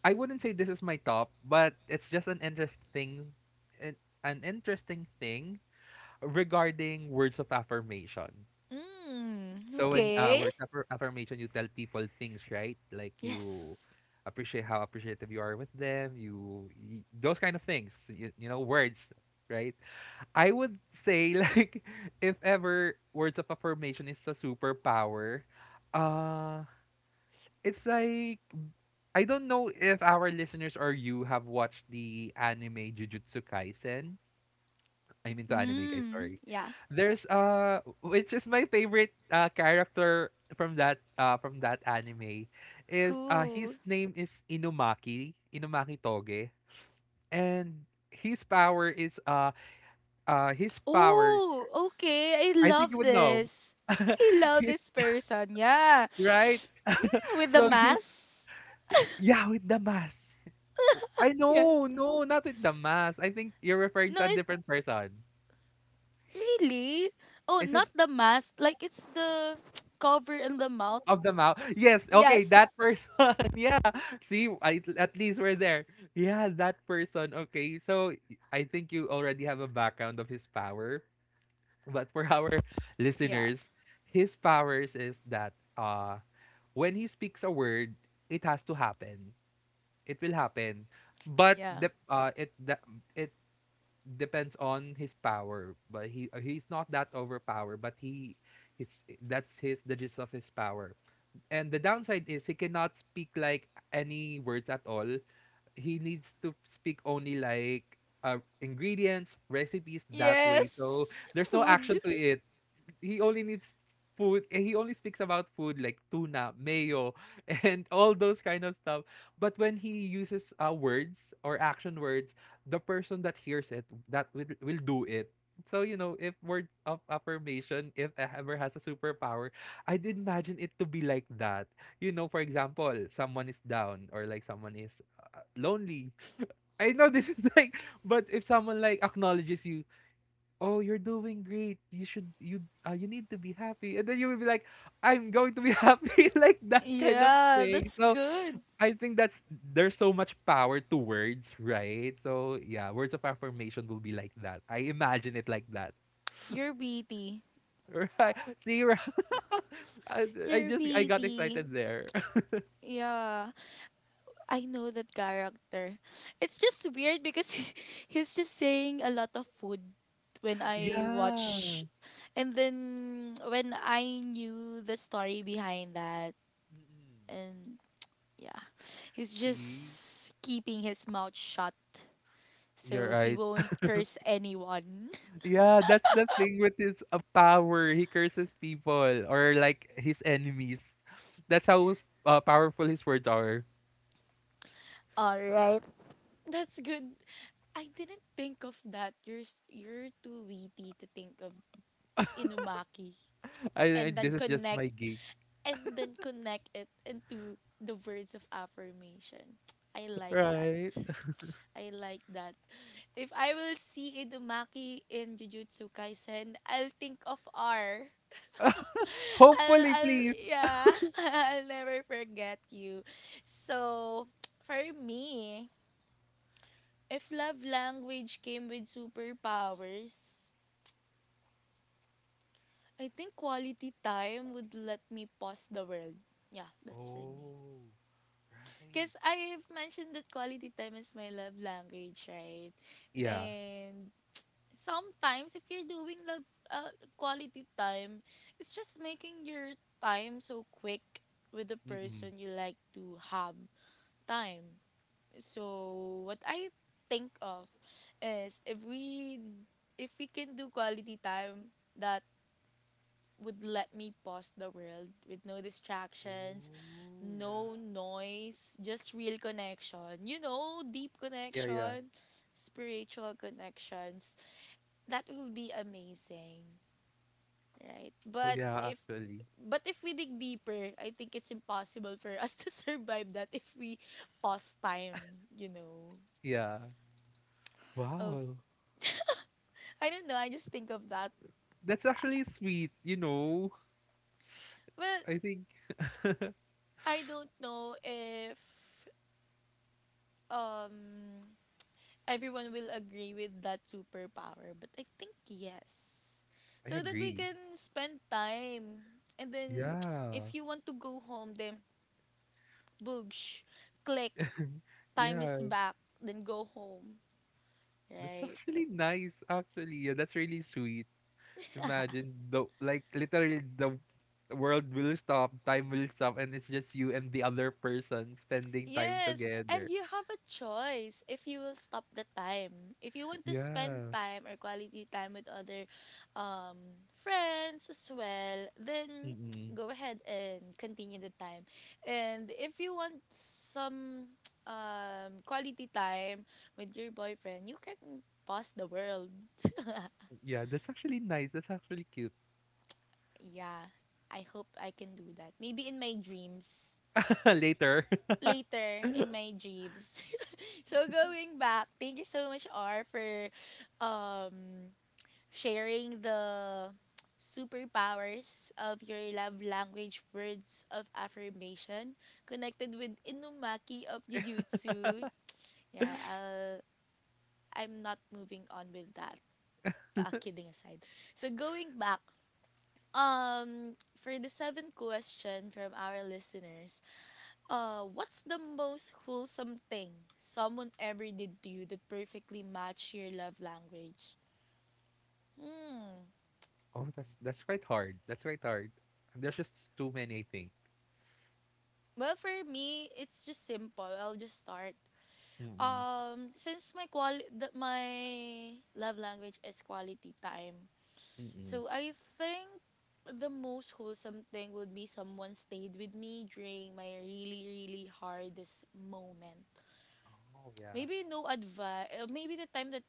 Speaker 2: I wouldn't say this is my top, but it's just an, an interesting thing regarding words of affirmation.
Speaker 1: Mm,
Speaker 2: So when
Speaker 1: okay.
Speaker 2: words of affirmation, you tell people things, right? Like you
Speaker 1: Yes.
Speaker 2: appreciate how appreciative you are with them, you, y those kind of things, words, right? I would say like if ever words of affirmation is a superpower, uh it's like, I don't know if our listeners or you have watched the anime Jujutsu Kaisen. I'm into anime, guys.
Speaker 1: Mm,
Speaker 2: Sorry.
Speaker 1: yeah.
Speaker 2: There's which is my favorite character from that anime. Is his
Speaker 1: Who?
Speaker 2: name is Inumaki Toge, and his power is his power.
Speaker 1: Oh, okay. I
Speaker 2: I think you
Speaker 1: love
Speaker 2: would know.
Speaker 1: this. I love
Speaker 2: his
Speaker 1: this person. Yeah.
Speaker 2: Right.
Speaker 1: With the
Speaker 2: So his
Speaker 1: mask.
Speaker 2: yeah, with the mask. I
Speaker 1: Yeah.
Speaker 2: know, no, not with the mask. I think you're referring to
Speaker 1: No,
Speaker 2: a
Speaker 1: it
Speaker 2: different person.
Speaker 1: really. Oh,
Speaker 2: Is it
Speaker 1: not the mask. Like it's the cover in the mouth.
Speaker 2: Of the mouth. Yes, okay, that
Speaker 1: Yes.
Speaker 2: person. Yeah. See, at least we're there. Yeah, that person. Okay. So I think you already have a background of his power. But for our
Speaker 1: Yeah.
Speaker 2: listeners, his powers is that when he speaks a word, it has to happen. It will happen. But
Speaker 1: Yeah.
Speaker 2: it depends on his power. But he's not that overpowered, but he his that's his the gist of his power. And the downside is he cannot speak like any words at all. He needs to speak only like, ingredients, recipes, that way. So
Speaker 1: Yes.
Speaker 2: there's no
Speaker 1: Food.
Speaker 2: action to it. he only needs he only speaks about food, like tuna mayo, and all those kind of stuff. But when he uses words or action words, the person that hears it, that will do it. So, if word of affirmation, if I ever has a superpower, I'd imagine it to be like that. For example, someone is down, or like someone is lonely. I know this is like, but if someone like acknowledges you, oh, you're doing great, you should you you need to be happy, and then you will be like, I'm going to be happy, like that kind of
Speaker 1: Yeah,
Speaker 2: thing.
Speaker 1: that's
Speaker 2: So
Speaker 1: good.
Speaker 2: I think that's there's so much power to words, right? So, yeah, words of affirmation will be like that. I imagine it like that.
Speaker 1: You're Your
Speaker 2: Right? See, right? I, I
Speaker 1: You're
Speaker 2: just i got excited
Speaker 1: beauty.
Speaker 2: there.
Speaker 1: Yeah. I know that character. It's just weird because he's just saying a lot of food when I
Speaker 2: Yeah.
Speaker 1: watch. And then when I knew the story behind that,
Speaker 2: Mm-mm.
Speaker 1: and yeah, he's
Speaker 2: See,
Speaker 1: just keeping his mouth shut
Speaker 2: you're
Speaker 1: so he
Speaker 2: right.
Speaker 1: won't curse anyone.
Speaker 2: Yeah, that's the thing with his power. He curses people, or like his enemies. That's how powerful his words are.
Speaker 1: All right. That's good. I didn't think of that. You're too witty to think of Inumaki, and
Speaker 2: This
Speaker 1: then
Speaker 2: is just my
Speaker 1: connect
Speaker 2: gig,
Speaker 1: and then connect it into the words of affirmation. I like that.
Speaker 2: right?
Speaker 1: I like that. If I will see Idumaki in Jujutsu Kaisen, I'll think of R. I'll,
Speaker 2: Hopefully, please.
Speaker 1: I'll yeah, I'll never forget you. So, for me, if love language came with superpowers, I think quality time would let me pause the world. Yeah, that's for me.
Speaker 2: Oh, right.
Speaker 1: Because I've mentioned that quality time is my love language, right?
Speaker 2: Yeah.
Speaker 1: And sometimes if you're doing love quality time, it's just making your time so quick with the
Speaker 2: Mm-mm.
Speaker 1: person you like to have time. So what I think of is if we can do quality time that would let me pause the world with no distractions,
Speaker 2: Oh, yeah.
Speaker 1: no noise, just real connection. You know, deep
Speaker 2: Yeah, yeah.
Speaker 1: connection, spiritual connections. That will be amazing, right?
Speaker 2: Oh, yeah. Actually,
Speaker 1: But if we dig deeper, I think it's impossible for us to survive that if we pause time, you know.
Speaker 2: yeah.
Speaker 1: Oh,
Speaker 2: Wow,
Speaker 1: I don't know. I just think of that.
Speaker 2: that's actually sweet. You know,
Speaker 1: Well,
Speaker 2: I think
Speaker 1: I don't know if um everyone will agree with that superpower, but I think yes.
Speaker 2: I
Speaker 1: So that we
Speaker 2: agree.
Speaker 1: can spend time. And then
Speaker 2: Yeah.
Speaker 1: if you want to go home, then boogsh, click, time
Speaker 2: Yeah.
Speaker 1: is back, then go home,
Speaker 2: That's
Speaker 1: right?
Speaker 2: actually nice, actually. Yeah, that's really sweet. Imagine, the like literally the world will stop, time will stop, and it's just you and the other person spending time
Speaker 1: Yes, and
Speaker 2: together.
Speaker 1: you have a choice if you will stop the time. If you want to spend
Speaker 2: Yeah.
Speaker 1: time or quality time with other friends as well, then
Speaker 2: Mm-mm.
Speaker 1: go ahead and continue the time. And if you want some quality time with your boyfriend, you can pause the world.
Speaker 2: Yeah, that's actually nice. That's actually cute.
Speaker 1: Yeah, I hope I can do that. Maybe in my dreams.
Speaker 2: Later.
Speaker 1: Later in my dreams. So going back, thank you so much R for um sharing the superpowers of your love language words of affirmation connected with Inumaki of Jujutsu. Yeah, I'm not moving on with that. Kidding aside. So going back, for the seventh question from our listeners, what's the most wholesome thing someone ever did to you that perfectly matched your love language? Hmm.
Speaker 2: Oh, that's quite hard. That's quite hard. There's just too many, I think.
Speaker 1: Well, for me, it's just simple. I'll just start.
Speaker 2: Mm-mm.
Speaker 1: Since my love language is quality time,
Speaker 2: Mm-mm.
Speaker 1: so I think the most wholesome thing would be someone stayed with me during my really really hardest moment.
Speaker 2: Oh, yeah.
Speaker 1: Maybe no advice. Maybe the time that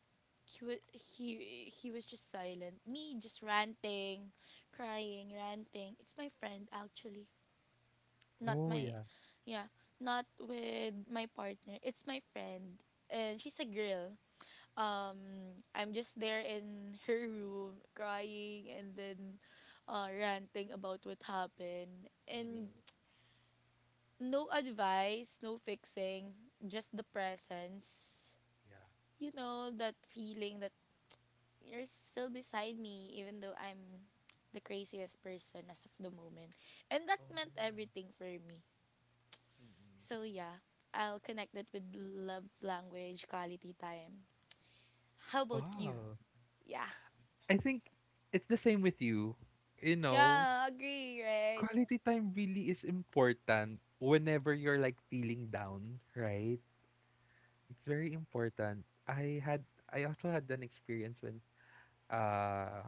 Speaker 1: he was he he was just silent. Me just ranting, crying, ranting. It's my friend actually, not
Speaker 2: Oh,
Speaker 1: my,
Speaker 2: yeah.
Speaker 1: yeah, not with my partner. It's my friend, and she's a girl. I'm just there in her room crying and then, ranting about what happened and
Speaker 2: Mm-mm.
Speaker 1: no advice, no fixing, just the presence.
Speaker 2: Yeah.
Speaker 1: You know that feeling that you're still beside me even though I'm the craziest person as of the moment. And that
Speaker 2: Oh, yeah.
Speaker 1: meant everything for me.
Speaker 2: Mm-mm.
Speaker 1: So yeah, I'll connect that with love language quality time. How about you?
Speaker 2: Wow.
Speaker 1: Yeah.
Speaker 2: I think it's the same with you. You know,
Speaker 1: Yeah, agree, right?
Speaker 2: quality time really is important whenever you're like feeling down, right? It's very important. I also had an experience when, uh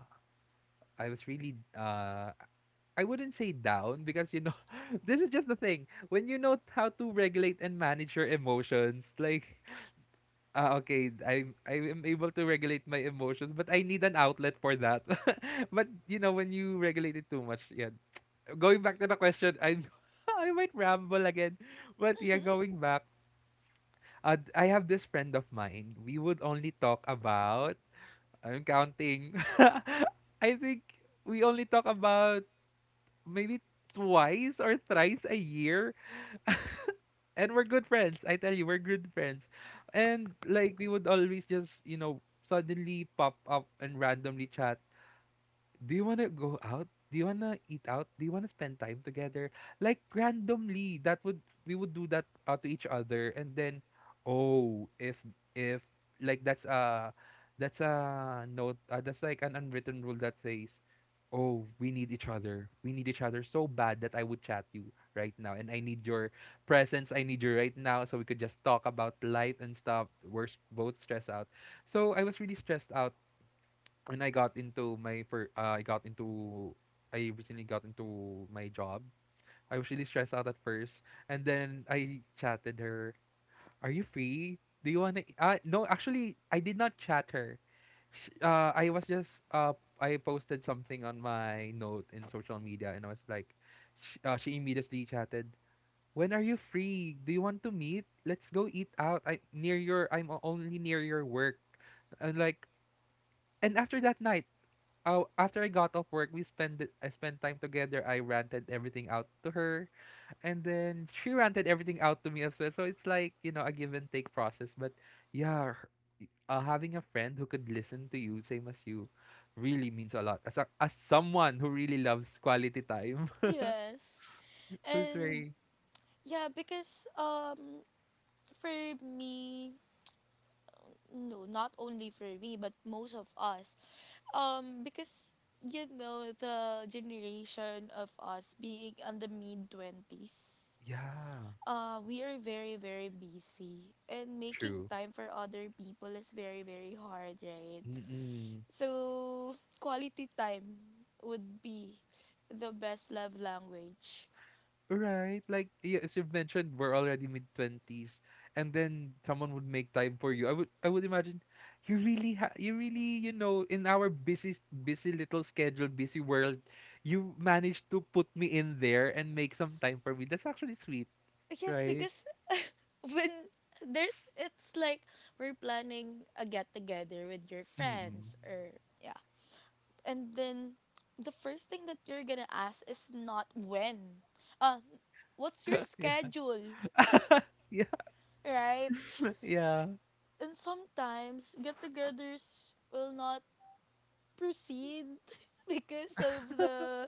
Speaker 2: I was really, I wouldn't say down, because this is just the thing. When you know how to regulate and manage your emotions, like, okay, I am able to regulate my emotions, but I need an outlet for that. But you know when you regulate it too much, yeah. Going back to the question, I I might ramble again, but yeah, going back, I have this friend of mine. We would only talk about. I'm counting. I think we only talk about maybe twice or thrice a year, and we're good friends. I tell you, we're good friends, and like we would always just suddenly pop up and randomly chat. Do you want to go out? Do you want to eat out? Do you want to spend time together? Like randomly, that would we would do that to each other, and then, oh, if, if that's a, note, that's like an unwritten rule that says, oh, we need each other. We need each other so bad that I would chat you right now, and I need your presence. I need you right now, so we could just talk about life and stuff. We're both stressed out. So I was really stressed out when I got into my fir- I got into I recently got into my job. I was really stressed out at first, and then I chatted her. Are you free? Do you wanna? No, actually, I did not chat her. I was just, I posted something on my note in social media, and I was like, she immediately chatted. When are you free? Do you want to meet? Let's go eat out. I near your. I'm only near your work, and like, and after that night, oh, after I got off work, we spent I spent time together. I ranted everything out to her, and then she ranted everything out to me as well. So it's like, a give and take process. But yeah, having a friend who could listen to you, same as you, really means a lot. As someone who really loves quality time,
Speaker 1: Yes.
Speaker 2: so it's
Speaker 1: And
Speaker 2: very,
Speaker 1: yeah, because for me, no, not only for me, but most of us, because you know the generation of us being on the mid 20s
Speaker 2: yeah,
Speaker 1: we are very very busy and making
Speaker 2: true.
Speaker 1: time for other people is very very hard, right?
Speaker 2: Mm-mm.
Speaker 1: So quality time would be the best love language.
Speaker 2: Right. Like, yeah, as you've mentioned, we're already mid 20s, and then someone would make time for you. I would, imagine, you really, in our busy, busy little schedule, busy world, you managed to put me in there and make some time for me. That's actually sweet,
Speaker 1: Yes,
Speaker 2: right?
Speaker 1: because when there's it's like we're planning a get together with your
Speaker 2: Mm-mm.
Speaker 1: friends or yeah. And then the first thing that you're gonna ask is not when. Uh, what's your
Speaker 2: Yeah.
Speaker 1: schedule?
Speaker 2: Yeah.
Speaker 1: Right?
Speaker 2: Yeah.
Speaker 1: And sometimes get togethers will not proceed because of the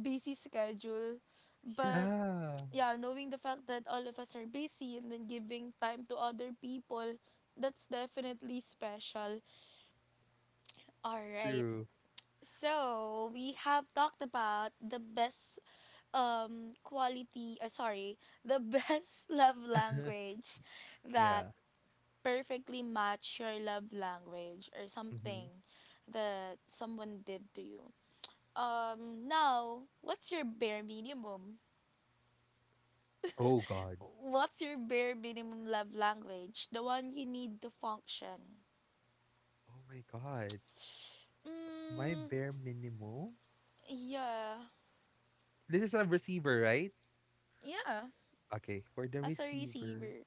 Speaker 1: busy schedule. But
Speaker 2: Yeah.
Speaker 1: yeah, knowing the fact that all of us are busy and then giving time to other people, that's definitely special. All right.
Speaker 2: True.
Speaker 1: So, we have talked about the best quality sorry the best love language that
Speaker 2: Yeah.
Speaker 1: perfectly match your love language or
Speaker 2: Hmm.
Speaker 1: something that someone did to you. Now what's your bare minimum,
Speaker 2: Oh God.
Speaker 1: what's your bare minimum love language, the one you need to function?
Speaker 2: Oh my God. My
Speaker 1: Mm,
Speaker 2: bare minimum.
Speaker 1: yeah,
Speaker 2: This is a receiver, right?
Speaker 1: yeah,
Speaker 2: Okay, for the
Speaker 1: as a
Speaker 2: receiver.
Speaker 1: receiver.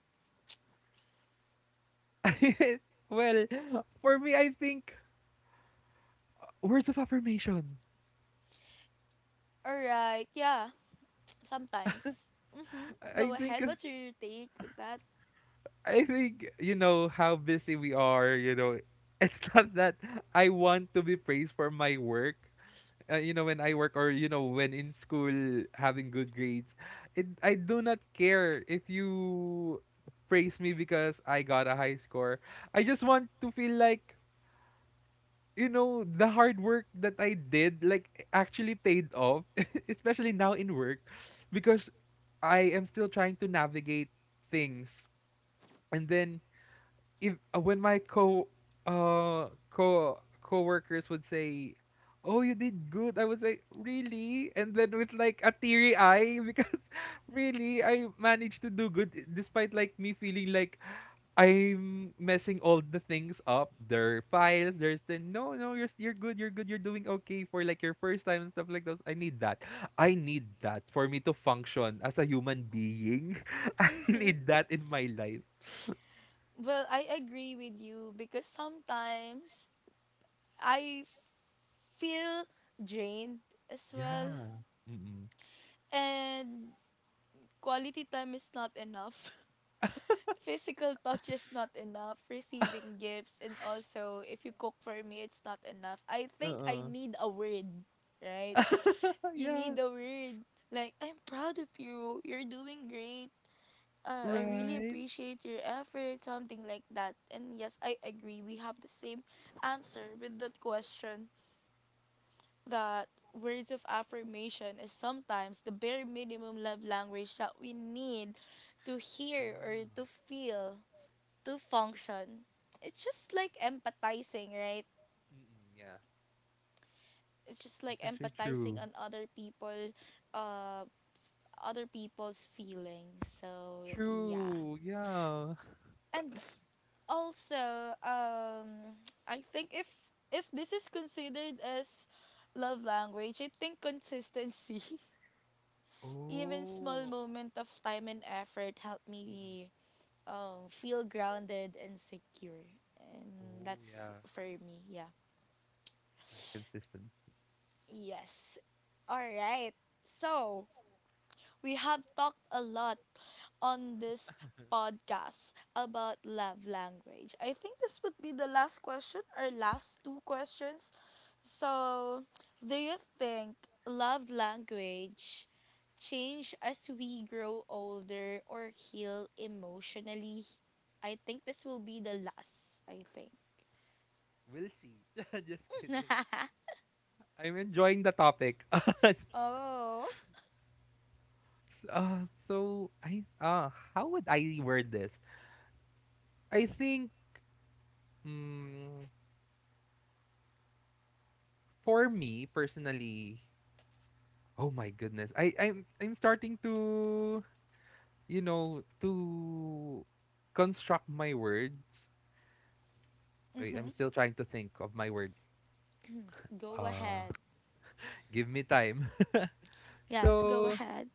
Speaker 2: Well, for me, I think words of affirmation.
Speaker 1: All right, yeah, sometimes mm-hmm.
Speaker 2: I
Speaker 1: Go
Speaker 2: I think
Speaker 1: ahead,
Speaker 2: is
Speaker 1: what's your take with that?
Speaker 2: I think, you know how busy we are. You know, it's not that I want to be praised for my work. When I work, or when in school having good grades, it I do not care if you praise me because I got a high score. I just want to feel like, the hard work that I did like actually paid off, especially now in work, because I am still trying to navigate things. And then if when my co co co-workers would say, "Oh, you did good." I would say, "Really?" And then with like a teary eye because really I managed to do good despite like me feeling like I'm messing all the things up. Their files, there's the no, no, you're good, you're good, you're doing okay for like your first time and stuff like those. I need that. I need that for me to function as a human being. I need that in my life.
Speaker 1: Well, I agree with you because sometimes I feel drained as well,
Speaker 2: Yeah. Mm-mm.
Speaker 1: and quality time is not enough. Physical touch is not enough. Receiving gifts, and also if you cook for me, it's not enough. I think I
Speaker 2: Uh-uh.
Speaker 1: need a word, right? You need
Speaker 2: Yeah.
Speaker 1: a word. Like, I'm proud of you. You're doing great. I really
Speaker 2: Right.
Speaker 1: appreciate your effort, something like that. And yes, I agree. We have the same answer with that question that words of affirmation is sometimes the bare minimum love language that we need to
Speaker 2: Yeah.
Speaker 1: hear or to feel, to function. It's just like empathizing, right?
Speaker 2: Mm-mm, yeah.
Speaker 1: It's just like
Speaker 2: It's actually
Speaker 1: empathizing
Speaker 2: true.
Speaker 1: on other people, uh, other people's feelings. So yeah.
Speaker 2: True. Yeah.
Speaker 1: And also I think if this is considered as love language I think consistency even small
Speaker 2: Oh.
Speaker 1: moment of time and effort help
Speaker 2: Mm-mm.
Speaker 1: me feel grounded and secure, and
Speaker 2: Oh
Speaker 1: that's
Speaker 2: yeah.
Speaker 1: for me. Yeah,
Speaker 2: Yeah. Consistent.
Speaker 1: yes. All right. So we have talked a lot on this podcast about love language. I think this would be the last question or last two questions. So, do you think love language change as we grow older or heal emotionally? I think this will be the last, I think.
Speaker 2: We'll see. Just kidding. I'm enjoying the topic.
Speaker 1: oh.
Speaker 2: So I, how would I word this? I think, mm, for me personally, oh my goodness. I'm starting to, to construct my words. Wait, I'm
Speaker 1: Mm-hmm.
Speaker 2: still trying to think of my word.
Speaker 1: Go
Speaker 2: Uh
Speaker 1: ahead.
Speaker 2: Give me time.
Speaker 1: Yes, go
Speaker 2: So
Speaker 1: ahead.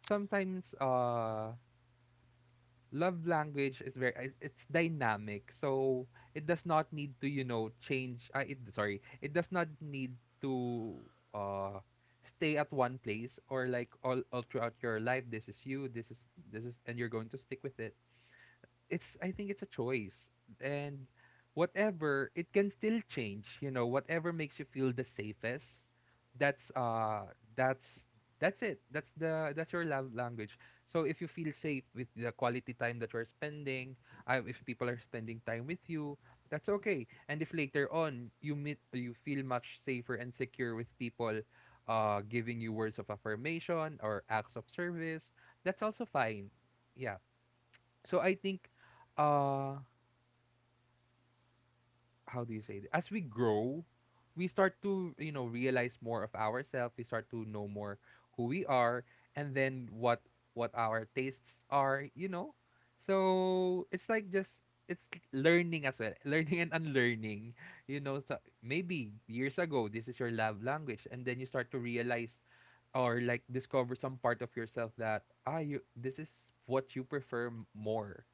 Speaker 2: sometimes, love language is very it's dynamic, so it does not need to, you know, change. Uh, it sorry it does not need to, uh stay at one place, or like all throughout your life, this is and you're going to stick with it. It's, I think it's a choice. And whatever, it can still change, you know, whatever makes you feel the safest, that's that's it. That's the that's your love language. So if you feel safe with the quality time that you're spending, if people are spending time with you, that's okay. And if later on you meet, you feel much safer and secure with people giving you words of affirmation or acts of service, that's also fine. Yeah, so I think, uh how do you say it? As we grow, we start to, you know, realize more of ourselves, we start to know more who we are, and then what our tastes are, you know. So it's like just it's learning as well, learning and unlearning. You know, so maybe years ago this is your love language and then you start to realize or like discover some part of yourself that, ah, you this is what you prefer more.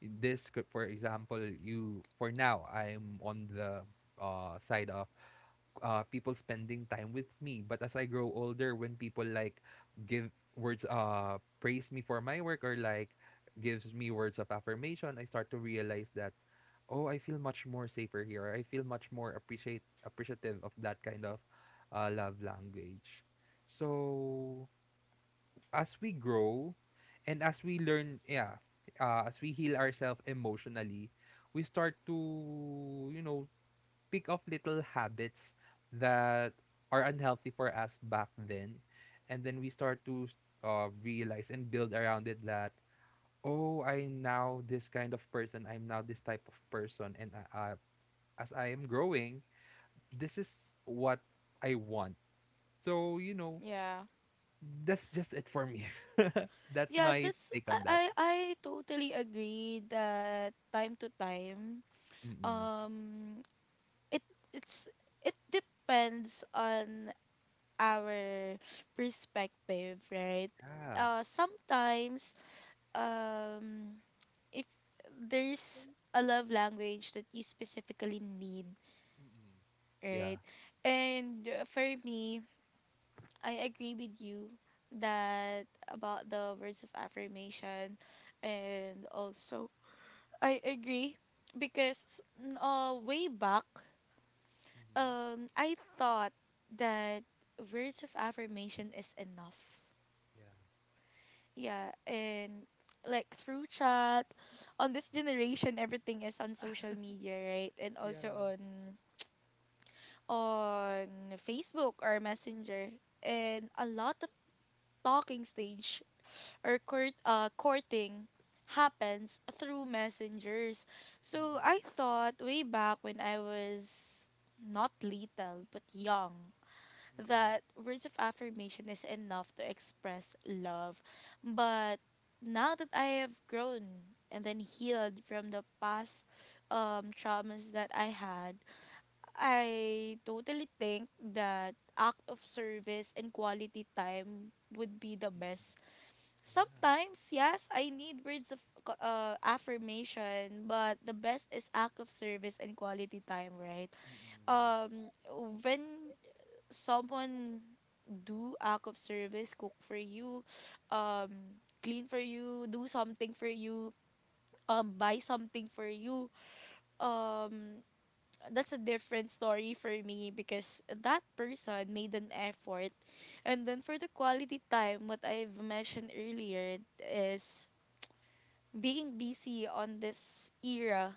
Speaker 2: For example, you for now, I'm on the side of, people spending time with me. But as I grow older, when people like give words, praise me for my work, or like gives me words of affirmation, I start to realize that, oh, I feel much more safer here, I feel much more appreciate appreciative of that kind of love language. So as we grow and as we learn, yeah, as we heal ourselves emotionally, we start to, you know, pick up little habits that are unhealthy for us back then. And then we start to, realize and build around it that, oh, I'm now this kind of person. I'm now this type of person. And as I am growing, this is what I want. So, you know,
Speaker 1: Yeah.
Speaker 2: that's just it for me. That's
Speaker 1: Yeah,
Speaker 2: my
Speaker 1: that's
Speaker 2: take
Speaker 1: I
Speaker 2: on that.
Speaker 1: I I totally agree that time to time
Speaker 2: Mm.
Speaker 1: um it it's it depends on our perspective, right?
Speaker 2: Yeah.
Speaker 1: Sometimes, um, if there's a love language that you specifically need,
Speaker 2: Mm. Yeah.
Speaker 1: right? And for me, I agree with you that about the words of affirmation, and also I agree because way back,
Speaker 2: Mhm.
Speaker 1: I thought that words of affirmation is enough.
Speaker 2: Yeah.
Speaker 1: Yeah, and like through chat, on this generation, everything is on social media, right? And also
Speaker 2: Yeah.
Speaker 1: on Facebook or Messenger, and a lot of talking stage or courting happens through messengers. So
Speaker 2: Mm.
Speaker 1: I thought way back when I was not little but young
Speaker 2: Mm. Mm.
Speaker 1: that words of affirmation is enough to express love. But now that I have grown and then healed from the past traumas that I had, I totally think that act of service and quality time would be the best.
Speaker 2: Yeah.
Speaker 1: Sometimes, yes, I need affirmation, but the best is act of service and quality time, right?
Speaker 2: Mm. Yeah.
Speaker 1: Um, when someone do act of service, cook for you, clean for you, do something for you, buy something for you, um, that's a different story for me because that person made an effort. And then for the quality time, what I've mentioned earlier is being busy on this era.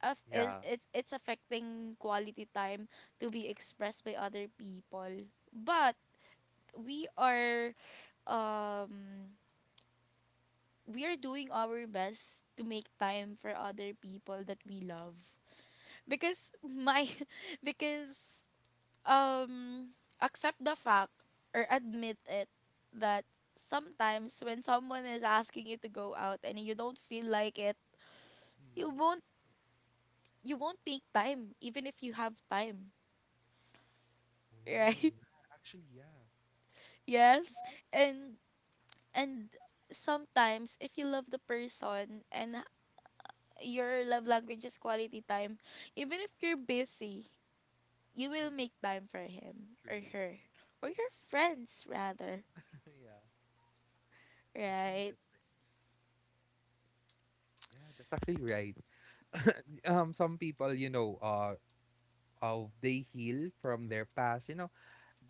Speaker 1: Of, it,
Speaker 2: Yeah.
Speaker 1: it, it's affecting quality time to be expressed by other people. But we are um we are doing our best to make time for other people that we love because my because um accept the fact or admit it that sometimes when someone is asking you to go out and you don't feel like it you
Speaker 2: Mhm.
Speaker 1: won't you won't make time even if you have time,
Speaker 2: Oh,
Speaker 1: right?
Speaker 2: yeah. Actually, yeah.
Speaker 1: Yes, and and sometimes if you love the person and your love language is quality time, even if you're busy, you will
Speaker 2: Mm.
Speaker 1: make time for him or
Speaker 2: True.
Speaker 1: her or your friends rather,
Speaker 2: Yeah. Actually,
Speaker 1: right?
Speaker 2: that's right. Yeah, that's actually right. Some people, you know, of they heal from their past, you know,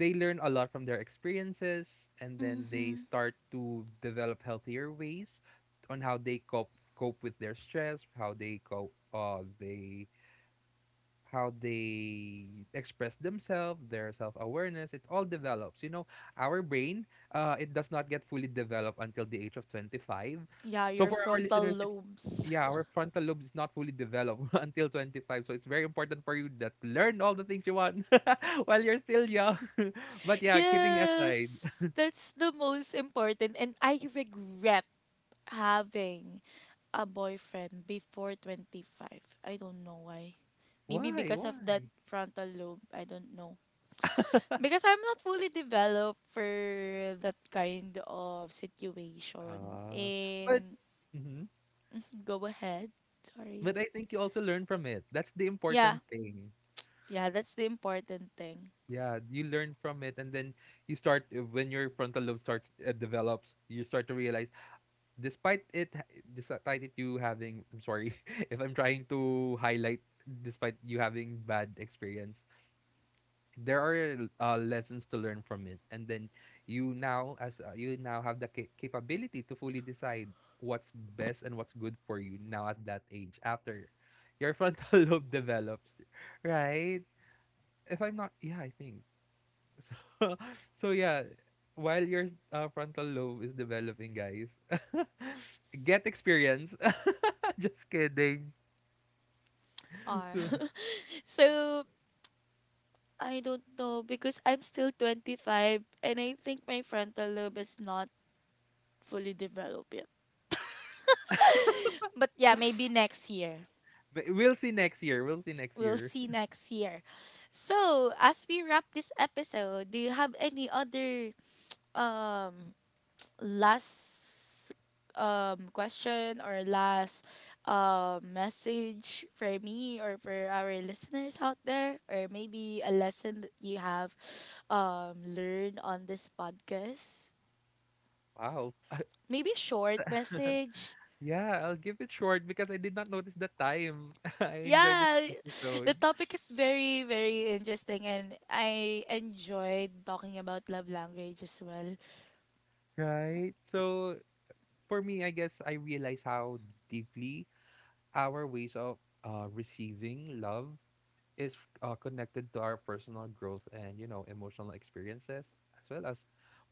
Speaker 2: they learn a lot from their experiences, and then they
Speaker 1: Mhm.
Speaker 2: start to develop healthier ways on how they cope, cope with their stress, how they cope, they how they express themselves, their self-awareness, it all develops. You know, our brain, it does not get fully developed until the age of 25.
Speaker 1: Yeah,
Speaker 2: So
Speaker 1: your
Speaker 2: for our
Speaker 1: frontal
Speaker 2: listeners, it's,
Speaker 1: lobes.
Speaker 2: yeah, our frontal lobe is not fully developed until 25. So it's very important for you that learn all the things you want while you're still young. But yeah, kidding
Speaker 1: Yes,
Speaker 2: aside,
Speaker 1: that's the most important and I regret having a boyfriend before 25. I don't know why. Maybe
Speaker 2: why,
Speaker 1: because of that
Speaker 2: why?
Speaker 1: frontal lobe, I don't know. Because I'm not fully developed for that kind of situation.
Speaker 2: Uh, but
Speaker 1: And
Speaker 2: mhm.
Speaker 1: go ahead. Sorry.
Speaker 2: But I think you also learn from it. That's the
Speaker 1: Yeah.
Speaker 2: important thing.
Speaker 1: Yeah, that's the important thing.
Speaker 2: Yeah, you learn from it, and then you start, when your frontal lobe starts, develops. You start to realize, despite it, ha- despite it, you having. I'm sorry, if I'm trying to highlight, despite you having bad experience, there are, lessons to learn from it, and then you now as, you now have the capability to fully decide what's best and what's good for you now at that age after your frontal lobe develops, right? If I'm not, yeah, I think. So, so yeah, while your, frontal lobe is developing, guys, get experience. Just kidding.
Speaker 1: Or
Speaker 2: So,
Speaker 1: so I don't know because I'm still 25 and I think my frontal lobe is not fully developed yet. But yeah, maybe next year.
Speaker 2: but we'll see next year. We'll see next
Speaker 1: We'll
Speaker 2: year.
Speaker 1: see next year. So, as we wrap this episode, do you have any other um last question or last message for me or for our listeners out there or maybe a lesson that you have learned on this podcast,
Speaker 2: Wow.
Speaker 1: maybe short message?
Speaker 2: Yeah, I'll give it short because I did not notice the time. I enjoyed this
Speaker 1: Yeah.
Speaker 2: episode.
Speaker 1: The topic is very very interesting and I enjoyed talking about love language as well.
Speaker 2: Right. So for me, I guess I realize how deeply our ways of, receiving love is, connected to our personal growth and, you know, emotional experiences, as well as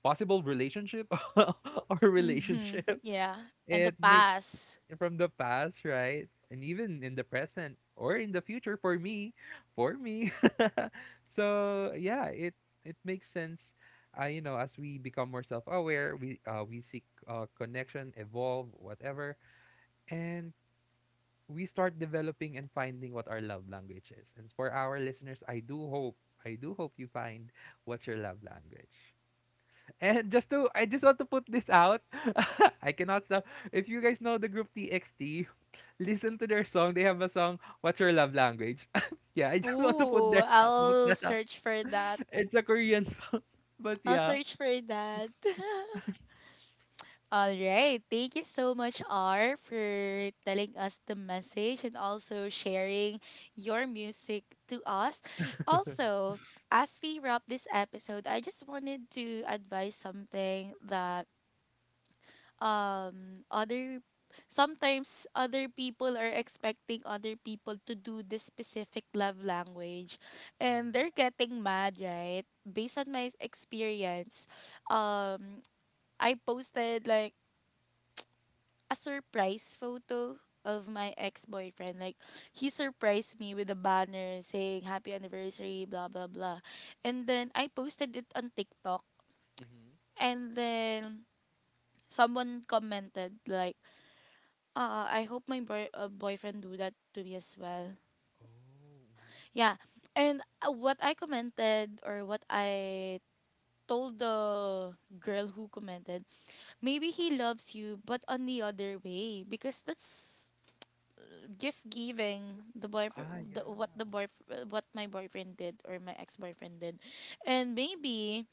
Speaker 2: possible relationship or
Speaker 1: Mm-hmm,
Speaker 2: relationship
Speaker 1: yeah, and the
Speaker 2: it makes
Speaker 1: past.
Speaker 2: from the past, right? And even in the present or in the future, for me. So yeah, it makes sense. Uh, you know, as we become more self-aware, we seek, connection, evolve, whatever, and we start developing and finding what our love language is. And for our listeners, I do hope you find what's your love language. And just to, I just want to put this out. I cannot stop. If you guys know the group TXT, listen to their song. They have a song, What's Your Love Language? Yeah, I just want to put
Speaker 1: Ooh,
Speaker 2: their Oh. put
Speaker 1: I'll
Speaker 2: that out.
Speaker 1: search for that.
Speaker 2: It's a Korean song. But
Speaker 1: I'll
Speaker 2: yeah.
Speaker 1: search for that. All right. Thank you so much, R, for telling us the message and also sharing your music to us. Also, as we wrap this episode, I just wanted to advise something that other sometimes other people are expecting other people to do this specific love language and they're
Speaker 2: Mm-hmm.
Speaker 1: getting mad, right? Based on my experience, um I posted like a surprise photo of my ex-boyfriend. Like he surprised me with a banner saying happy anniversary, blah blah blah. And then I posted it on TikTok
Speaker 2: Hmm.
Speaker 1: and then someone commented like, uh, I hope my boyfriend do that to me as well.
Speaker 2: Oh. Mhm.
Speaker 1: Yeah. And what I commented or what I told the girl who commented, maybe he loves you but on the other way because that's gift giving, the boyfriend
Speaker 2: Ah,
Speaker 1: the,
Speaker 2: yeah.
Speaker 1: what the boy what my boyfriend did or my ex-boyfriend did. And maybe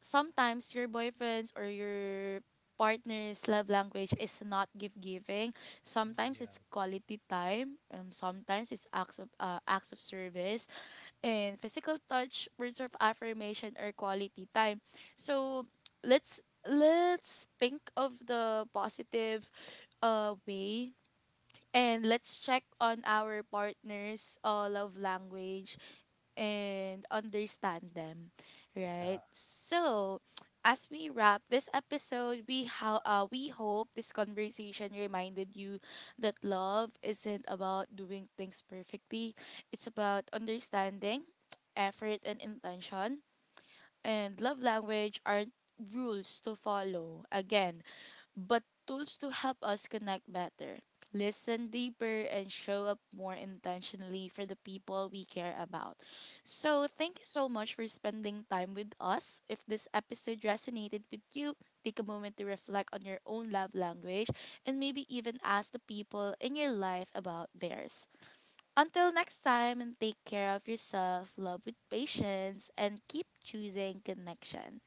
Speaker 1: sometimes your boyfriend's or your partner's love language is not gift giving.
Speaker 2: Mm.
Speaker 1: Sometimes it's
Speaker 2: Yeah.
Speaker 1: quality time, sometimes it's acts of service and physical touch, words of affirmation or quality time. So let's let's think of the positive way, and let's check on our partner's love language and understand them,
Speaker 2: Yeah.
Speaker 1: right? So, as we wrap this episode, we hope this conversation reminded you that love isn't about doing things perfectly. It's about understanding, effort, and intention, and love language aren't rules to follow, again, but tools to help us connect better, listen deeper, and show up more intentionally for the people we care about. So, thank you so much for spending time with us. If this episode resonated with you, take a moment to reflect on your own love language and maybe even ask the people in your life about theirs. Until next time, and take care of yourself, love with patience, and keep choosing connection.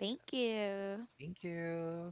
Speaker 2: Yes.
Speaker 1: you.
Speaker 2: Thank you.